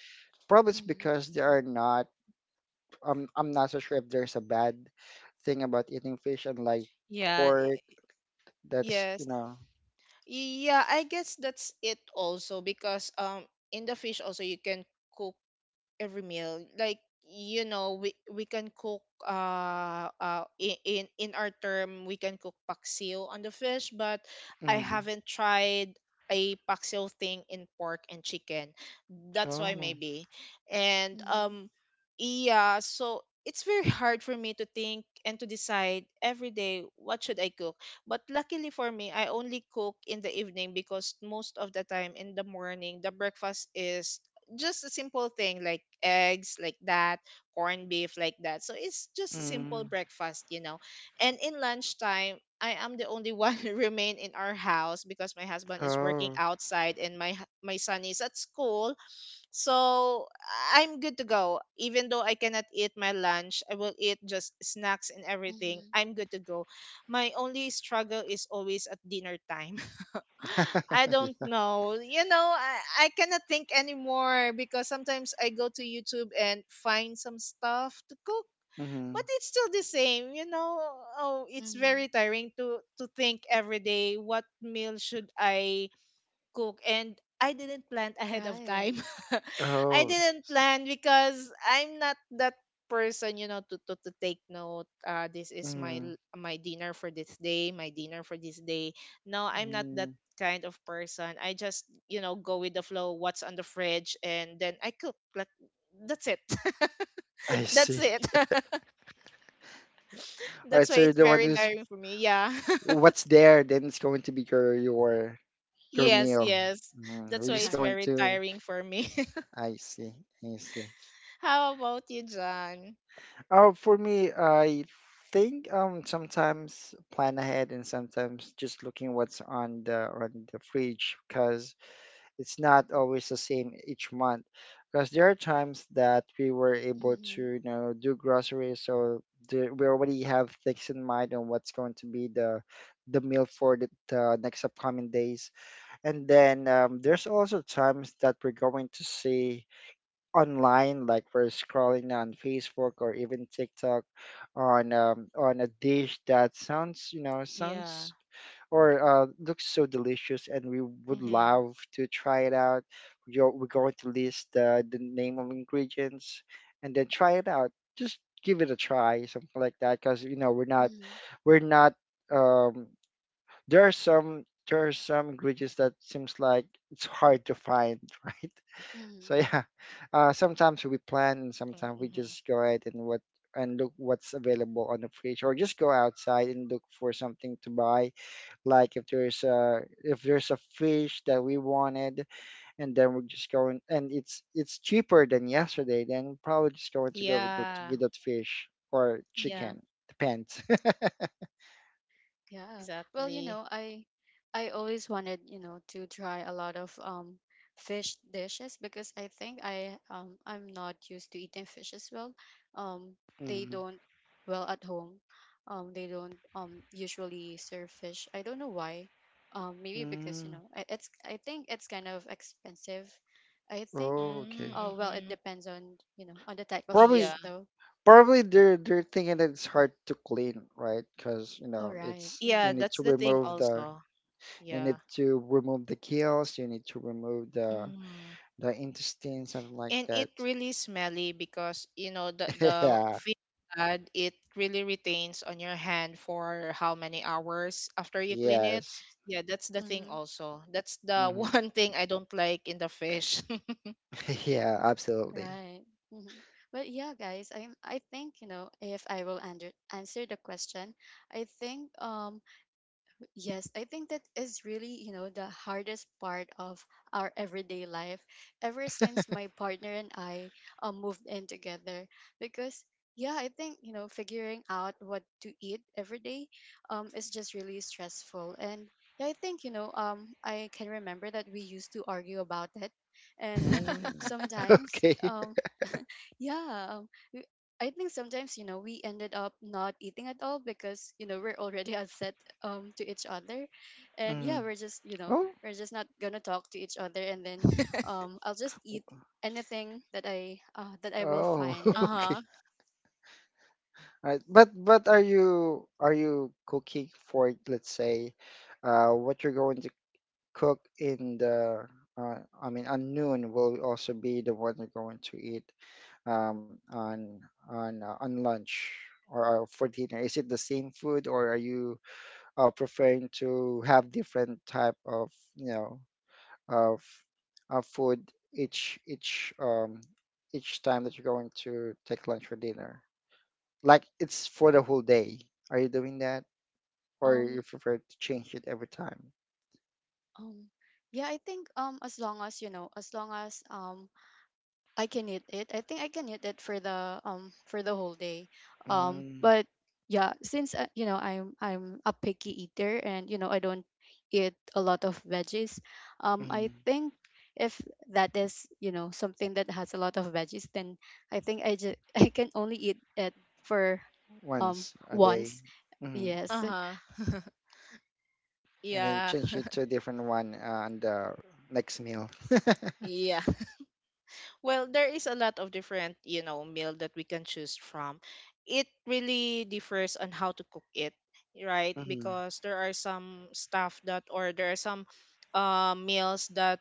[SPEAKER 2] Probably it's
[SPEAKER 1] Mhm.
[SPEAKER 2] because they are not. I'm not so sure if there's a bad thing about eating fish and like
[SPEAKER 3] yeah,
[SPEAKER 2] pork. That's, you
[SPEAKER 3] yes.
[SPEAKER 2] know.
[SPEAKER 3] Yeah, I guess that's it also, because in the fish also you can cook every meal, like, you know, we can cook in our term, we can cook paksiw on the fish. But I
[SPEAKER 2] Mm-hmm.
[SPEAKER 3] haven't tried a paksiw thing in pork and chicken, that's why,
[SPEAKER 2] Oh,
[SPEAKER 3] maybe. and
[SPEAKER 1] Mhm.
[SPEAKER 3] um yeah, so it's very hard for me to think and to decide every day what should I cook. But luckily for me, I only cook in the evening, because most of the time in the morning, the breakfast is just a simple thing, like eggs like that, corned beef like that. So it's just
[SPEAKER 2] mm.
[SPEAKER 3] simple breakfast. And in lunchtime, I am the only one remain in our house, because my husband is working
[SPEAKER 2] Oh.
[SPEAKER 3] outside, and my son is at school. So I'm good to go. Even though I cannot eat my lunch, I will eat just snacks and everything.
[SPEAKER 1] Mhm.
[SPEAKER 3] I'm good to go. My only struggle is always at dinner time. I don't
[SPEAKER 2] Yeah.
[SPEAKER 3] know. You know, I cannot think anymore, because sometimes I go to YouTube and find some stuff to cook,
[SPEAKER 2] Mm-hmm.
[SPEAKER 3] but it's still the same. You know, oh, it's
[SPEAKER 1] Mhm.
[SPEAKER 3] very tiring to think every day what meal should I cook, and I didn't plan ahead of
[SPEAKER 1] Right.
[SPEAKER 3] time. I
[SPEAKER 2] Oh.
[SPEAKER 3] didn't plan because I'm not that person, you know, to take note. This is my dinner for this day, my dinner for this day. No, I'm not
[SPEAKER 2] Mm-hmm.
[SPEAKER 3] that kind of person. I just, you know, go with the flow, what's on the fridge, and then I cook. Like, that's it.
[SPEAKER 2] I
[SPEAKER 3] That's
[SPEAKER 2] see.
[SPEAKER 3] it.
[SPEAKER 2] All right,
[SPEAKER 3] That's why
[SPEAKER 2] so you're
[SPEAKER 3] it's
[SPEAKER 2] the one
[SPEAKER 3] very
[SPEAKER 2] who's
[SPEAKER 1] Mhm.
[SPEAKER 3] tiring for me. Yeah.
[SPEAKER 2] what's there, then it's going to be your your
[SPEAKER 3] Yes,
[SPEAKER 2] meal.
[SPEAKER 3] yes.
[SPEAKER 2] Mm,
[SPEAKER 3] That's
[SPEAKER 2] we're
[SPEAKER 3] why
[SPEAKER 2] just
[SPEAKER 3] it's
[SPEAKER 2] going
[SPEAKER 1] Right.
[SPEAKER 3] very
[SPEAKER 2] to.
[SPEAKER 3] tiring for me.
[SPEAKER 2] I see. I see.
[SPEAKER 3] How about you, John?
[SPEAKER 2] Oh, for me, I think, sometimes plan ahead and sometimes just looking what's on the fridge, because it's not always the same each month. Because there are times that we were able to,
[SPEAKER 1] Mhm.
[SPEAKER 2] do groceries, so we already have things in mind on what's going to be the meal for the next upcoming days. And then there's also times that we're going to see online, like we're scrolling on Facebook or even TikTok on a dish that sounds,
[SPEAKER 3] Yeah.
[SPEAKER 2] sounds, or looks so delicious, and we would
[SPEAKER 3] Mm-hmm.
[SPEAKER 2] love to try it out. We're going to list the name of ingredients, and then try it out. Just give it a try, something like that, because
[SPEAKER 1] Mhm.
[SPEAKER 2] we're not. Um, there are some, ingredients that seems like it's hard to find, right? So
[SPEAKER 1] Mhm.
[SPEAKER 2] yeah, sometimes we
[SPEAKER 3] Yeah,
[SPEAKER 2] plan, and
[SPEAKER 3] exactly.
[SPEAKER 2] sometimes we
[SPEAKER 3] Mm-hmm.
[SPEAKER 2] just go ahead and what and look what's available on the fridge, or just go outside and look for something to buy, like if there's a, fish that we wanted, and then we're just going, and it's cheaper than yesterday, then we're probably just going to go with that,
[SPEAKER 3] Yeah.
[SPEAKER 2] fish or
[SPEAKER 1] Mhm.
[SPEAKER 3] Yeah.
[SPEAKER 2] chicken, depends.
[SPEAKER 3] Yeah,
[SPEAKER 1] Yeah. Well, you
[SPEAKER 3] exactly.
[SPEAKER 1] know, I always wanted, you know, to try a lot of fish dishes, because I think I'm not used to eating fish as well. Um they
[SPEAKER 2] Hmm.
[SPEAKER 1] don't, well, at home. They don't usually serve fish. I don't know why. Maybe because, you
[SPEAKER 2] Mm.
[SPEAKER 1] know, I- it's I think it's kind of expensive. I think.
[SPEAKER 2] Oh, okay.
[SPEAKER 1] Oh, well, it
[SPEAKER 3] Mm-hmm.
[SPEAKER 1] depends on, you know, on the type of
[SPEAKER 2] probably
[SPEAKER 1] fish,
[SPEAKER 3] Yeah.
[SPEAKER 1] though.
[SPEAKER 2] probably they're thinking that it's hard to clean, right? Because
[SPEAKER 1] All right.
[SPEAKER 2] it's
[SPEAKER 3] Yeah,
[SPEAKER 1] Mm-hmm.
[SPEAKER 3] that's the thing also.
[SPEAKER 2] you need
[SPEAKER 3] Yeah.
[SPEAKER 2] to remove the gills, you need to remove the
[SPEAKER 3] Mm-hmm.
[SPEAKER 2] the intestines, something like
[SPEAKER 3] And
[SPEAKER 2] that.
[SPEAKER 3] it really smelly because, you know, the the
[SPEAKER 2] Yeah,
[SPEAKER 3] fish blood, it really retains on your hand for how many hours after you clean it.
[SPEAKER 2] yes.
[SPEAKER 3] Yeah, that's the thing
[SPEAKER 1] Mm-hmm.
[SPEAKER 3] also. That's the
[SPEAKER 2] Mm-hmm.
[SPEAKER 3] one thing I don't like in the fish.
[SPEAKER 2] Yeah, absolutely.
[SPEAKER 1] Right. Hmm. Well, yeah, guys. I'm. I think, you know, if I will answer the question, I think, yes, I think that is really, you know, the hardest part of our everyday life. Ever since my partner and I moved in together, because yeah, I think, you know, figuring out what to eat every day is just really stressful. And yeah, I think, you know, I can remember that we used to argue about it, and
[SPEAKER 2] Mm.
[SPEAKER 1] sometimes
[SPEAKER 2] Okay.
[SPEAKER 1] yeah, I think sometimes, you know, we ended up not eating at all because, you know, we're already upset, to each other. And yeah,
[SPEAKER 2] Mm.
[SPEAKER 1] we're just, you know,
[SPEAKER 2] Oh.
[SPEAKER 1] we're just not gonna talk to each other, and then I'll just eat anything that I will
[SPEAKER 2] Oh.
[SPEAKER 1] find.
[SPEAKER 2] Okay.
[SPEAKER 3] Uh-huh.
[SPEAKER 2] All right. But are you cooking for, let's say, what you're going to cook in the I mean, on noon will also be the one you're going to eat, on on lunch, or for dinner. Is it the same food, or are you preferring to have different type of, you know? of of food, each each um each time that you're going to take lunch or dinner. Like, it's for the whole day. Are you doing that, or you
[SPEAKER 1] Um
[SPEAKER 2] prefer to change it every time?
[SPEAKER 1] um yeah, I think, as long as, you know, as long as I can eat it. I think I can eat it for the, for the whole day.
[SPEAKER 2] Mm,
[SPEAKER 1] But yeah, since, you know, I'm a picky eater, and you know, I don't eat a lot of veggies. I
[SPEAKER 2] mhm.
[SPEAKER 1] think, if that is, you know, something that has a lot of veggies, then I think I just, I can only eat it for,
[SPEAKER 2] Once a day,
[SPEAKER 1] once.
[SPEAKER 2] hmm
[SPEAKER 1] Yes.
[SPEAKER 3] Uh-huh.
[SPEAKER 2] and then
[SPEAKER 3] Yeah.
[SPEAKER 2] change it to a different one on the next meal.
[SPEAKER 3] Yeah. Well, there is a lot of different, you know, meal that we can choose from. It really differs on how to cook it, right?
[SPEAKER 2] Hmm.
[SPEAKER 3] Because there are some stuff that, or there are some meals that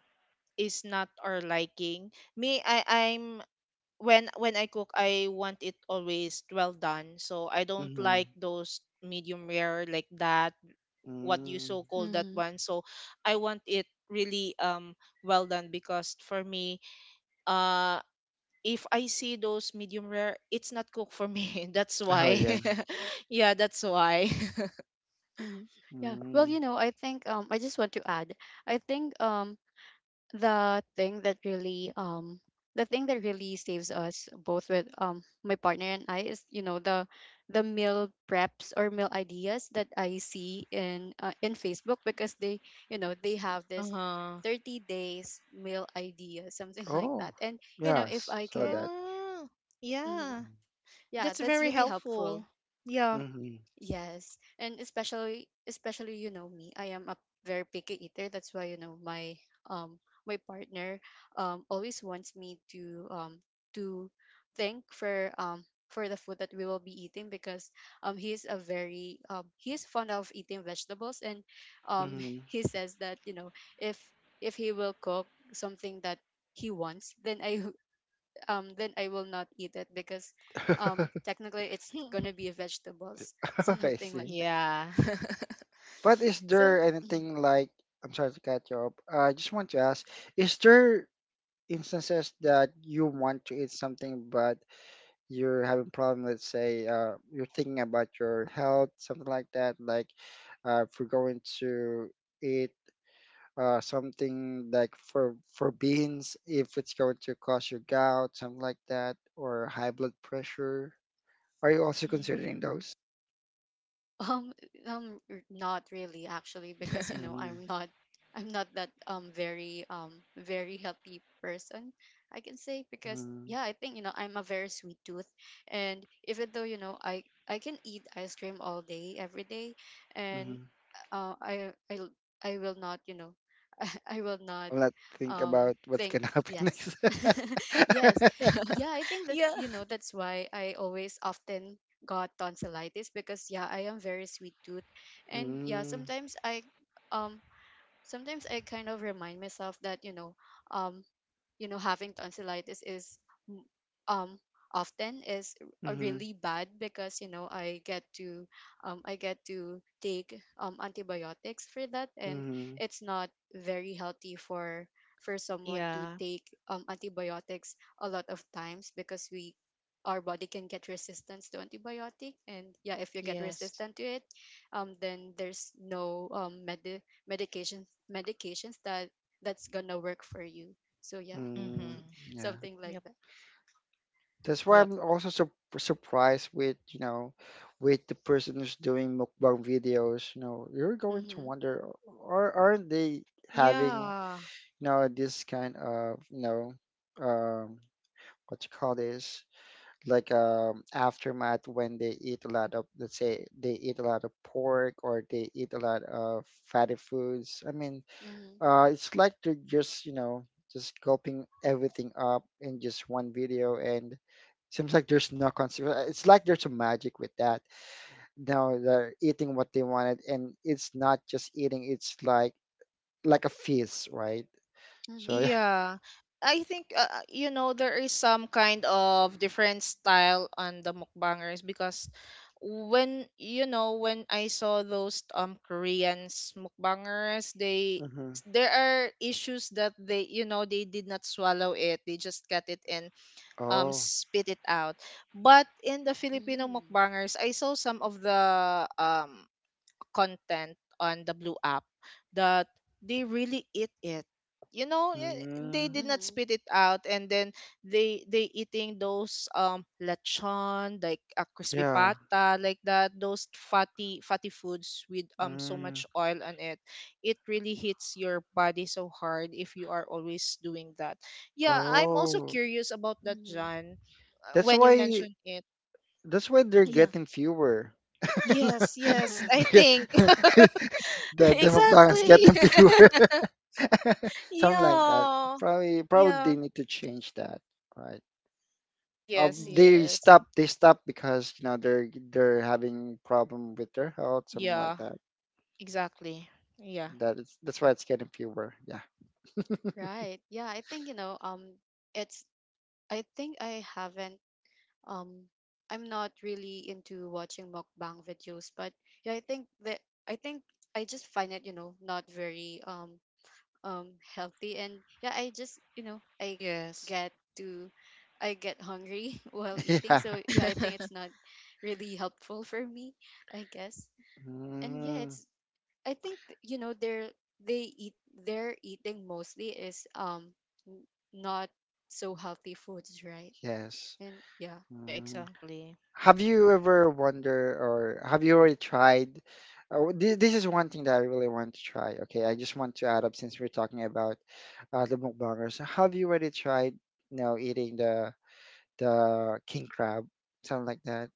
[SPEAKER 3] is not our liking. Me, I I'm when I cook, I want it always well done. So I don't
[SPEAKER 2] Hmm.
[SPEAKER 3] like those medium rare like that, what you
[SPEAKER 2] Mm.
[SPEAKER 3] so call that
[SPEAKER 1] Mm-hmm.
[SPEAKER 3] one. So I want it really, well done, because for me, uh if I see those medium rare, it's not cooked for me. That's
[SPEAKER 2] Oh,
[SPEAKER 3] why.
[SPEAKER 2] yeah.
[SPEAKER 3] Yeah, that's why.
[SPEAKER 1] Mm-hmm. Yeah. Well,
[SPEAKER 2] Mm.
[SPEAKER 1] you know, I think, I just want to add. I think, the thing that really um the thing that really saves us both, with my partner and I, is, you know, the meal preps or meal ideas that I see in Facebook, because they, you know, they have this
[SPEAKER 3] Uh-huh.
[SPEAKER 1] 30 days meal idea, something like
[SPEAKER 2] Oh,
[SPEAKER 1] that. And, you know, if
[SPEAKER 2] yes.
[SPEAKER 1] I
[SPEAKER 2] Saw
[SPEAKER 1] can,
[SPEAKER 2] that.
[SPEAKER 3] Ah,
[SPEAKER 1] mhm,
[SPEAKER 3] yeah.
[SPEAKER 1] yeah,
[SPEAKER 3] That's
[SPEAKER 1] that's
[SPEAKER 3] very
[SPEAKER 1] really helpful.
[SPEAKER 3] helpful. Yeah.
[SPEAKER 2] Mm-hmm.
[SPEAKER 1] Yes, and especially, you know, me, I am a very picky eater. That's why, you know, um my partner always wants me to, to think for, for the food that we will be eating, because he is a very, he is fond of eating vegetables, and um
[SPEAKER 2] Mm-hmm.
[SPEAKER 1] he says that, you know, if if he will cook something that he wants, then I, will not eat it, because technically it's gonna be vegetables,
[SPEAKER 2] I
[SPEAKER 1] something like
[SPEAKER 2] see.
[SPEAKER 1] that.
[SPEAKER 3] Yeah.
[SPEAKER 2] But is
[SPEAKER 1] So.
[SPEAKER 2] there
[SPEAKER 1] Mhm.
[SPEAKER 2] anything like, I'm sorry to cut you off. I just want to ask, is there instances that you want to eat something, but you're having problem, let's say, you're thinking about your health, something like that, like if we're going to eat something like, for beans, if it's going to cause your gout, something like that, or high blood pressure. Are you also
[SPEAKER 3] Mhm.
[SPEAKER 2] considering those?
[SPEAKER 1] Um, Not really actually, because you know,
[SPEAKER 2] Mm-hmm.
[SPEAKER 1] I'm not, I'm not that very very healthy person, I can say, because yeah, I think, you know, I'm a very sweet tooth, and even though, you know, I can eat ice cream all day every day, and, uh, I I l- I will not, you know, I will not
[SPEAKER 2] I'll not think about what's
[SPEAKER 1] think,
[SPEAKER 2] gonna happen
[SPEAKER 1] yes,
[SPEAKER 2] next.
[SPEAKER 1] yes, yeah, I think that's,
[SPEAKER 3] Yeah.
[SPEAKER 1] you know, that's why I always often got tonsillitis, because yeah, I am very sweet tooth, and yeah,
[SPEAKER 2] Mm,
[SPEAKER 1] um sometimes I kind of remind myself that, you know, um you know, having tonsillitis is, m- um often, is
[SPEAKER 2] mm-hmm,
[SPEAKER 1] really bad, because you know, I get to take antibiotics for that, and
[SPEAKER 2] mm-hmm,
[SPEAKER 1] it's not very healthy for someone to
[SPEAKER 3] Yeah.
[SPEAKER 1] take antibiotics a lot of times, because we our body can get resistance to antibiotic, and yeah, if you get
[SPEAKER 3] Yes.
[SPEAKER 1] resistant to it, then there's no medications that that's gonna work for you. So yeah.
[SPEAKER 2] mm,
[SPEAKER 3] Mm-hmm.
[SPEAKER 2] yeah.
[SPEAKER 1] Something like
[SPEAKER 3] Yep.
[SPEAKER 1] that.
[SPEAKER 2] That's why
[SPEAKER 3] Yep.
[SPEAKER 2] I'm also surprised with the person who's doing mukbang videos. You're going to
[SPEAKER 1] Mm-hmm.
[SPEAKER 2] wonder, aren't they having,
[SPEAKER 3] Yeah.
[SPEAKER 2] this kind of, um, what you call this? Like aftermath when they eat a lot of, let's say, they eat a lot of pork, or they eat a lot of fatty foods, I mean,
[SPEAKER 1] Mm-hmm.
[SPEAKER 2] it's like they're just you know just gulping everything up in just one video, and seems like there's no consequence. It's like there's a magic with that. Now they're eating what they wanted, and it's not just eating, it's like a feast, right? So
[SPEAKER 1] Mm-hmm.
[SPEAKER 2] yeah.
[SPEAKER 3] Yeah. I think, you know, there is some kind of different style on the mukbangers, because when you know when I saw those Koreans mukbangers, they,
[SPEAKER 2] Hmm.
[SPEAKER 3] there are issues that they you know they did not swallow it, they just cut it and
[SPEAKER 2] Oh.
[SPEAKER 3] spit it out. But in the Filipino
[SPEAKER 1] Mm-hmm.
[SPEAKER 3] mukbangers, I saw some of the um content on the blue app, that they really eat it, you know eh, they
[SPEAKER 2] Mm,
[SPEAKER 3] did not
[SPEAKER 1] Mm-hmm.
[SPEAKER 3] spit it out. And then they eating those lechon, like a crispy
[SPEAKER 2] yeah.
[SPEAKER 3] pata, like that, those fatty fatty foods with so
[SPEAKER 2] Mm.
[SPEAKER 3] much oil on it. It really hits your body so hard if you are always doing that. Yeah, I'm also
[SPEAKER 2] Oh.
[SPEAKER 3] curious about that, John,
[SPEAKER 2] That's
[SPEAKER 3] when you
[SPEAKER 2] why,
[SPEAKER 3] mentioned it.
[SPEAKER 2] they're
[SPEAKER 3] Yeah.
[SPEAKER 2] getting fewer.
[SPEAKER 3] Yes, yes,
[SPEAKER 1] Mm-hmm.
[SPEAKER 3] I
[SPEAKER 2] The
[SPEAKER 3] think.
[SPEAKER 2] the mukbangs
[SPEAKER 3] Exactly.
[SPEAKER 2] getting fewer. Something like that.
[SPEAKER 3] Yeah.
[SPEAKER 2] Probably
[SPEAKER 3] Yeah.
[SPEAKER 2] they need to change that, right?
[SPEAKER 3] Yes,
[SPEAKER 1] Mm.
[SPEAKER 2] They
[SPEAKER 3] yes.
[SPEAKER 2] stop, because they're having problem with their health, something like
[SPEAKER 3] Yeah,
[SPEAKER 2] that.
[SPEAKER 3] exactly. Yeah.
[SPEAKER 2] That is that's why it's getting fewer. Yeah.
[SPEAKER 1] Right. Yeah, I think, it's I think I haven't um I'm not really into watching mukbang videos, but yeah, I think I just find it not very um healthy. And yeah, I just you know I
[SPEAKER 3] Yes.
[SPEAKER 1] get to I get hungry while eating,
[SPEAKER 2] Yeah.
[SPEAKER 1] so yeah, I think it's not really helpful for me, I guess. And yeah,
[SPEAKER 2] Mm,
[SPEAKER 1] it's I think they eat their eating mostly is n- not so healthy foods, right?
[SPEAKER 2] yes.
[SPEAKER 1] And yeah.
[SPEAKER 3] Yeah,
[SPEAKER 2] Mm.
[SPEAKER 3] exactly.
[SPEAKER 2] Have you ever wonder, or have you already tried? This is one thing that I really want to try. Okay, I just want to add up, since we're talking about the mukbangers. Have you already tried, eating the king crab, something like that?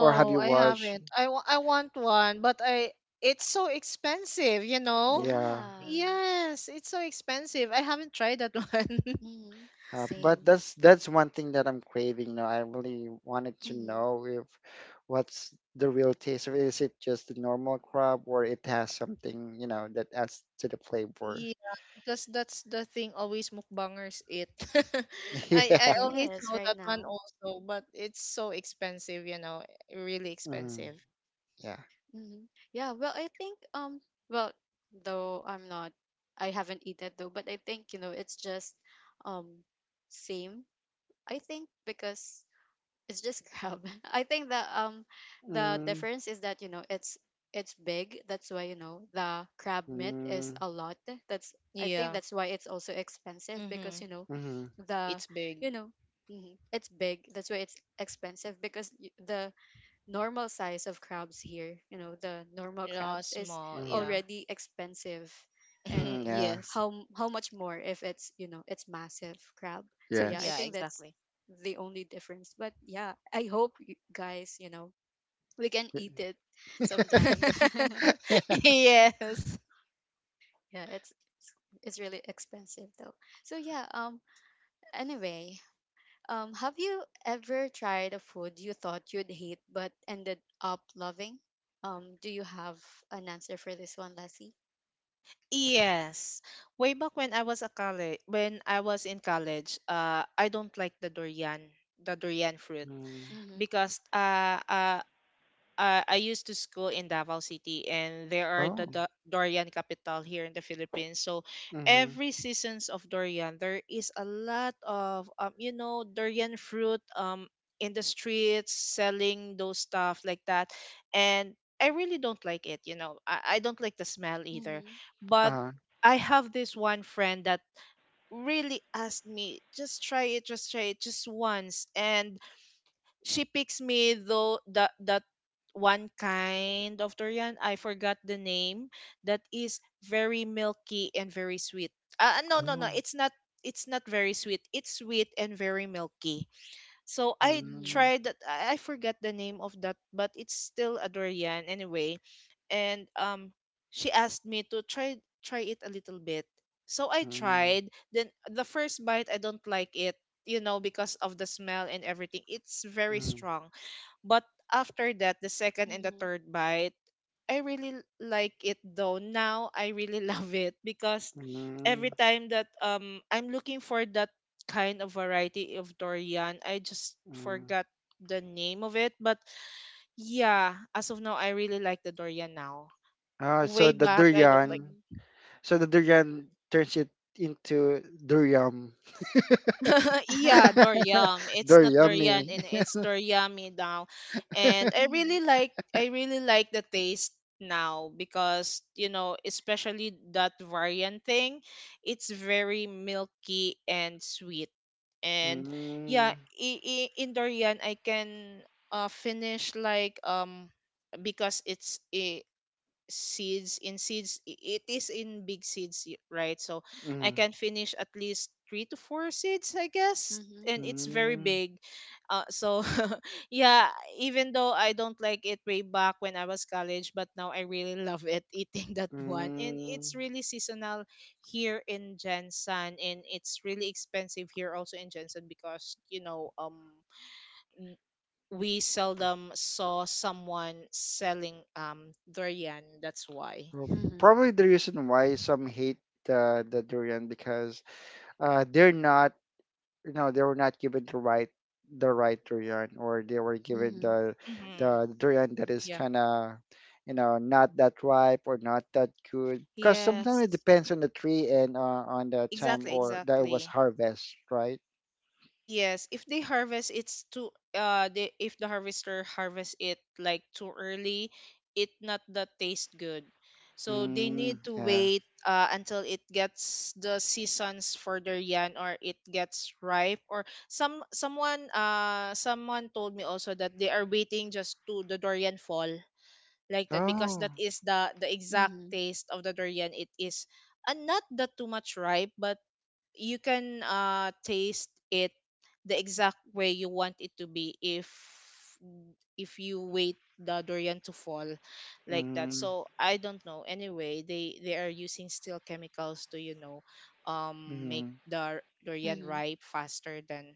[SPEAKER 2] Or have
[SPEAKER 1] Mm,
[SPEAKER 2] you
[SPEAKER 3] I
[SPEAKER 1] mm.
[SPEAKER 2] watched?
[SPEAKER 3] haven't. I want one, but I it's so expensive, you know?
[SPEAKER 2] Yeah,
[SPEAKER 1] Yeah.
[SPEAKER 3] Yes, it's so expensive. I haven't tried that one.
[SPEAKER 1] hmm
[SPEAKER 2] but
[SPEAKER 1] Same.
[SPEAKER 2] that's one thing that I'm craving. You know, I really wanted to
[SPEAKER 1] hmm
[SPEAKER 2] know, if what's the real taste of it. Is it just the normal crab, or it has something, that adds to the flavor?
[SPEAKER 3] Yeah, because that's the thing always mukbangers eat. I
[SPEAKER 2] Yeah.
[SPEAKER 3] always
[SPEAKER 1] yes,
[SPEAKER 3] know
[SPEAKER 1] right
[SPEAKER 3] that one
[SPEAKER 1] now.
[SPEAKER 3] also, but it's so expensive, you know, really
[SPEAKER 2] Mhm.
[SPEAKER 3] expensive.
[SPEAKER 2] Yeah.
[SPEAKER 1] Mhm. Yeah, well, though I'm not, I haven't eaten though, but I think, you know, it's just um same. I think because it's just Grab. I think that the
[SPEAKER 2] Mm,
[SPEAKER 1] difference is that, you know, it's big. That's why, you know, the crab meat is
[SPEAKER 2] mhm.
[SPEAKER 1] a lot. That's I think
[SPEAKER 3] Yeah.
[SPEAKER 1] that's why it's also expensive because,
[SPEAKER 3] Mhm.
[SPEAKER 1] you know,
[SPEAKER 2] Mhm.
[SPEAKER 1] the
[SPEAKER 3] It's big.
[SPEAKER 1] you know, mhm, it's big. That's why it's expensive because the normal size of crabs here, you know, the normal
[SPEAKER 3] Yeah,
[SPEAKER 1] crabs is
[SPEAKER 3] small, yeah.
[SPEAKER 2] Mhm.
[SPEAKER 1] already expensive. And
[SPEAKER 2] Mhm. Yeah.
[SPEAKER 3] Yes.
[SPEAKER 1] how much more if it's, you know, it's massive crab. So yeah, I
[SPEAKER 3] Yeah,
[SPEAKER 1] think
[SPEAKER 2] Yes.
[SPEAKER 1] that's
[SPEAKER 3] exactly.
[SPEAKER 1] the only difference. But yeah, I hope you guys, you know, we can eat it sometimes.
[SPEAKER 2] Yeah.
[SPEAKER 3] Yes.
[SPEAKER 1] Yeah, it's really expensive though. So yeah, anyway, have you ever tried a food you thought you'd hate but ended up loving? Do you have an answer for this one, Lassie?
[SPEAKER 3] Yes. Way back when I was in college, I don't like the durian fruit,
[SPEAKER 2] Mm.
[SPEAKER 1] Mm-hmm.
[SPEAKER 3] because I used to school in Davao City, and there are the
[SPEAKER 2] Oh.
[SPEAKER 3] Durian capital here in the Philippines. So
[SPEAKER 2] Mhm.
[SPEAKER 3] every seasons of durian, there is a lot of, you know, durian fruit in the streets selling those stuff like that, and I really don't like it. You know, I don't like the smell either.
[SPEAKER 1] Mm-hmm.
[SPEAKER 3] But
[SPEAKER 2] Uh.
[SPEAKER 3] I have this one friend that really asked me, just try it, just try it, just once, and she picks me though that one kind of durian, I forgot the name, that is very milky and very sweet. No, no, no,
[SPEAKER 2] Oh.
[SPEAKER 3] it's not, very sweet, it's sweet and very milky. So I
[SPEAKER 2] Mm.
[SPEAKER 3] tried that. I forgot the name of that, but it's still a durian anyway. And she asked me to try it a little bit. So I
[SPEAKER 2] Mm.
[SPEAKER 3] tried. Then the first bite, I don't like it, you know, because of the smell and everything. It's very
[SPEAKER 2] Mm.
[SPEAKER 3] strong. But after that, the second and the
[SPEAKER 1] Mm-hmm.
[SPEAKER 3] third bite, I really like it though. Now I really love it, because
[SPEAKER 2] Mm.
[SPEAKER 3] every time that I'm looking for that kind of variety of durian, I just
[SPEAKER 2] Hmm.
[SPEAKER 3] forgot the name of it. But yeah, as of now, I really like the durian now.
[SPEAKER 2] Ah, so
[SPEAKER 3] Way
[SPEAKER 2] the
[SPEAKER 3] back, I don't like.
[SPEAKER 2] durian.
[SPEAKER 1] Mm-hmm.
[SPEAKER 2] So the durian turns it into durium.
[SPEAKER 3] Yeah,
[SPEAKER 1] Mm-hmm.
[SPEAKER 3] Doryam. It's not Dorian,
[SPEAKER 2] Duriummy.
[SPEAKER 3] and it's Doryami now. And I really like the taste now, because you know, especially that variant thing, it's very milky and sweet. And
[SPEAKER 2] Mm.
[SPEAKER 3] yeah, in Dorian, I can finish like, because it's seeds in seeds, it is in big seeds, right. So I
[SPEAKER 2] Mm.
[SPEAKER 3] can finish at least three to four seeds, I guess,
[SPEAKER 1] Mm-hmm.
[SPEAKER 3] and it's very
[SPEAKER 2] Mm.
[SPEAKER 3] big. So, yeah, even though I don't like it way back when I was college, but now I really love it, eating that one. And
[SPEAKER 2] Mm.
[SPEAKER 3] it's really seasonal here in Jensen, and it's really expensive here also in Jensen, because you know, w- we seldom saw someone selling durian, that's why.
[SPEAKER 2] Well,
[SPEAKER 1] Mm-hmm.
[SPEAKER 2] probably the reason why some hate the durian, because uh they're not they were not given the right, durian, or they were
[SPEAKER 1] Mm-hmm.
[SPEAKER 2] given
[SPEAKER 1] Mm-hmm.
[SPEAKER 2] the
[SPEAKER 3] Mm-hmm.
[SPEAKER 2] the durian that is
[SPEAKER 3] Yeah.
[SPEAKER 2] kind of, not that ripe or not that good, because sometimes it
[SPEAKER 3] Yes.
[SPEAKER 2] depends on the tree and on the time
[SPEAKER 3] Exactly,
[SPEAKER 2] or that it was
[SPEAKER 3] exactly.
[SPEAKER 2] harvest, right?
[SPEAKER 3] Yes, if they harvest it's too, they, if the harvester harvest it like too early, it not that taste good. So they
[SPEAKER 2] Mm,
[SPEAKER 3] need to
[SPEAKER 2] yeah.
[SPEAKER 3] wait, until it gets the seasons for their yan, or it gets ripe. Or someone told me also that they are waiting just to the durian fall like that, because
[SPEAKER 2] Oh.
[SPEAKER 3] that is the exact
[SPEAKER 1] Mm-hmm.
[SPEAKER 3] taste of the durian. It is, and not that too much ripe, but you can taste it the exact way you want it to be, if you wait the durian to fall like that.
[SPEAKER 2] Mm,
[SPEAKER 3] So I don't know. Anyway, they are using still chemicals to, you know, make
[SPEAKER 2] mm.
[SPEAKER 3] the durian
[SPEAKER 1] Mm-hmm.
[SPEAKER 3] ripe faster than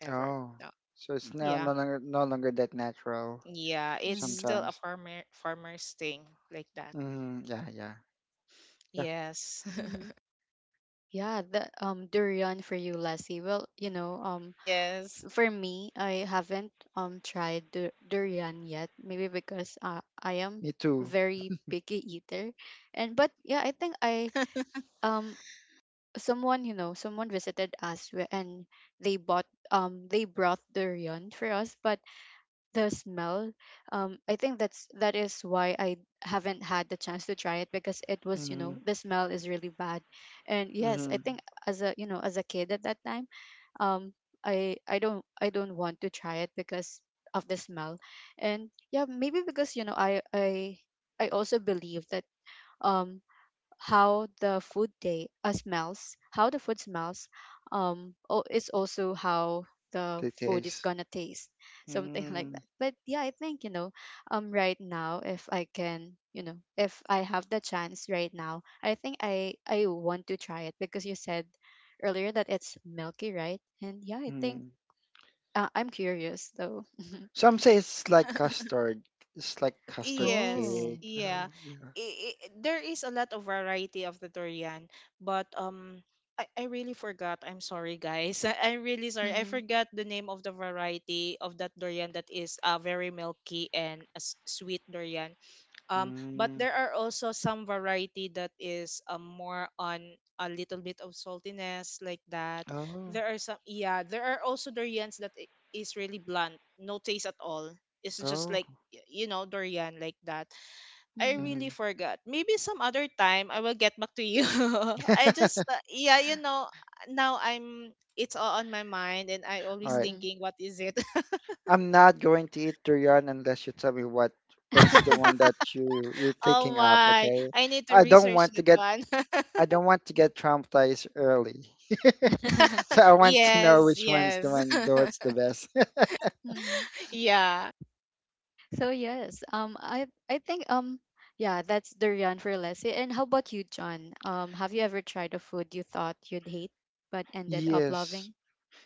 [SPEAKER 3] ever.
[SPEAKER 2] Oh. So it's now
[SPEAKER 3] Yeah,
[SPEAKER 2] no longer, that natural,
[SPEAKER 3] yeah, it's
[SPEAKER 1] Mm-hmm.
[SPEAKER 3] still a
[SPEAKER 2] sometimes.
[SPEAKER 3] farmer's thing like that.
[SPEAKER 2] Mhm, yeah, yeah. Yeah,
[SPEAKER 3] Yes.
[SPEAKER 1] Mm-hmm. Yeah, the durian for you, Lassie. Well, you know,
[SPEAKER 3] Yes.
[SPEAKER 1] for me, I haven't tried durian yet. Maybe because I am
[SPEAKER 2] me too.
[SPEAKER 1] very picky eater, and but yeah, I think I, um someone, you know, someone visited us and they bought they brought durian for us, but the smell, I think that's that is why I haven't had the chance to try it because it was, you
[SPEAKER 2] Mhm,
[SPEAKER 1] know, the smell is really bad. And yes, I
[SPEAKER 2] mhm.
[SPEAKER 1] think as a, you know, as a kid at that time, um I don't want to try it because of the smell. And yeah, maybe because, you know, I also believe that um how the food day smells, how the food smells, oh, it's also how the
[SPEAKER 2] The
[SPEAKER 1] food is
[SPEAKER 2] taste.
[SPEAKER 1] gonna taste, something like
[SPEAKER 2] Mm,
[SPEAKER 1] that. But yeah, I think, you know, right now, if I can, you know, if I have the chance right now, I think I want to try it because you said earlier that it's milky, right? And yeah, I think
[SPEAKER 2] mhm.
[SPEAKER 1] I'm curious though.
[SPEAKER 2] Some say it's like custard. It's like custard
[SPEAKER 3] Yes,
[SPEAKER 2] cake.
[SPEAKER 1] Oh.
[SPEAKER 3] yeah.
[SPEAKER 2] Oh, yeah.
[SPEAKER 3] I There is a lot of variety of the durian, but I really forgot. I'm sorry, guys. I'm really sorry. I
[SPEAKER 1] Mm-hmm.
[SPEAKER 3] forgot the name of the variety of that durian that is, very milky and a sweet durian. But
[SPEAKER 2] Mm.
[SPEAKER 3] there are also some variety that is, more on a little bit of saltiness like that.
[SPEAKER 2] Oh,
[SPEAKER 3] There are some Yeah, there are also durians that is really blunt, no taste at all. It's just
[SPEAKER 2] oh.
[SPEAKER 3] like, you know, durian like that. I really
[SPEAKER 2] Mhm.
[SPEAKER 3] forgot. Maybe some other time I will get back to you. I just, yeah, you know, now I'm it's all on my mind, and I
[SPEAKER 2] All
[SPEAKER 3] always
[SPEAKER 2] right.
[SPEAKER 1] Hmm.
[SPEAKER 3] thinking, what is it?
[SPEAKER 2] I'm not going to eat durian unless you tell me what's the one that you're
[SPEAKER 3] Oh
[SPEAKER 2] taking up,
[SPEAKER 3] my.
[SPEAKER 2] okay?
[SPEAKER 3] I need to
[SPEAKER 2] I don't
[SPEAKER 3] research
[SPEAKER 2] want to
[SPEAKER 3] that
[SPEAKER 2] get
[SPEAKER 3] one.
[SPEAKER 2] I don't want to get traumatized early. So I want to know
[SPEAKER 3] Yes,
[SPEAKER 2] which one's the
[SPEAKER 3] yes.
[SPEAKER 2] one the one's the best.
[SPEAKER 1] Mm-hmm.
[SPEAKER 3] Yeah.
[SPEAKER 1] So yes, I think yeah, that's durian for Leslie. And how about you, John? Have you ever tried a food you thought you'd hate but ended up
[SPEAKER 2] Yes.
[SPEAKER 1] loving?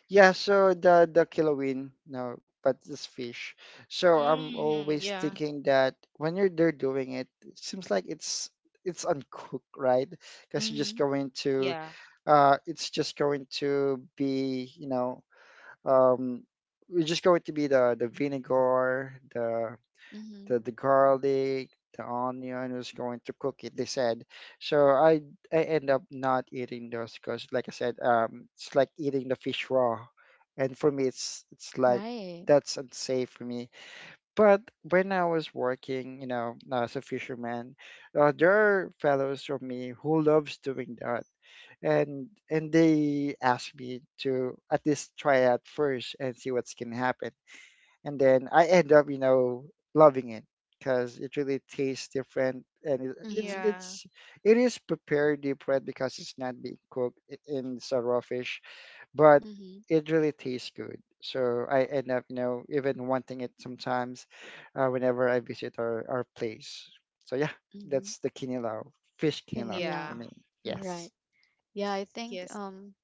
[SPEAKER 2] Yeah, so the kilowin, no, but this fish. So I'm
[SPEAKER 3] Hmm.
[SPEAKER 2] always
[SPEAKER 3] Yeah.
[SPEAKER 2] thinking that when you're there doing it, it seems like it's uncooked, right? Because you're just
[SPEAKER 1] Mm-hmm.
[SPEAKER 2] going to
[SPEAKER 3] Yeah.
[SPEAKER 2] it's just going to be, um we're just going to be the, vinegar, the,
[SPEAKER 1] Mm-hmm.
[SPEAKER 2] garlic, the onion, who's going to cook it, they said. So I end up not eating those because, like I said, it's like eating the fish raw, and for me, it's like
[SPEAKER 1] Right.
[SPEAKER 2] that's unsafe for me. But when I was working, as a fisherman, there are fellows of me who loves doing that, and they asked me to at least try it out first and see what's gonna happen. And then I end up, loving it, because it really tastes different, and it,
[SPEAKER 1] Mm-hmm.
[SPEAKER 2] it's
[SPEAKER 3] Yeah.
[SPEAKER 2] it is prepared deep fried, because it's not being cooked, in, it's a raw fish, but
[SPEAKER 1] Mm-hmm.
[SPEAKER 2] it really tastes good. So I end up, even wanting it sometimes, whenever I visit our, place. So yeah,
[SPEAKER 1] Mm-hmm.
[SPEAKER 2] that's the kinilaw, fish kinilaw for
[SPEAKER 3] Yeah.
[SPEAKER 1] Vanilla.
[SPEAKER 2] me.
[SPEAKER 1] You're
[SPEAKER 2] Yes.
[SPEAKER 1] right. Yeah, I think
[SPEAKER 3] Yes.
[SPEAKER 1] um.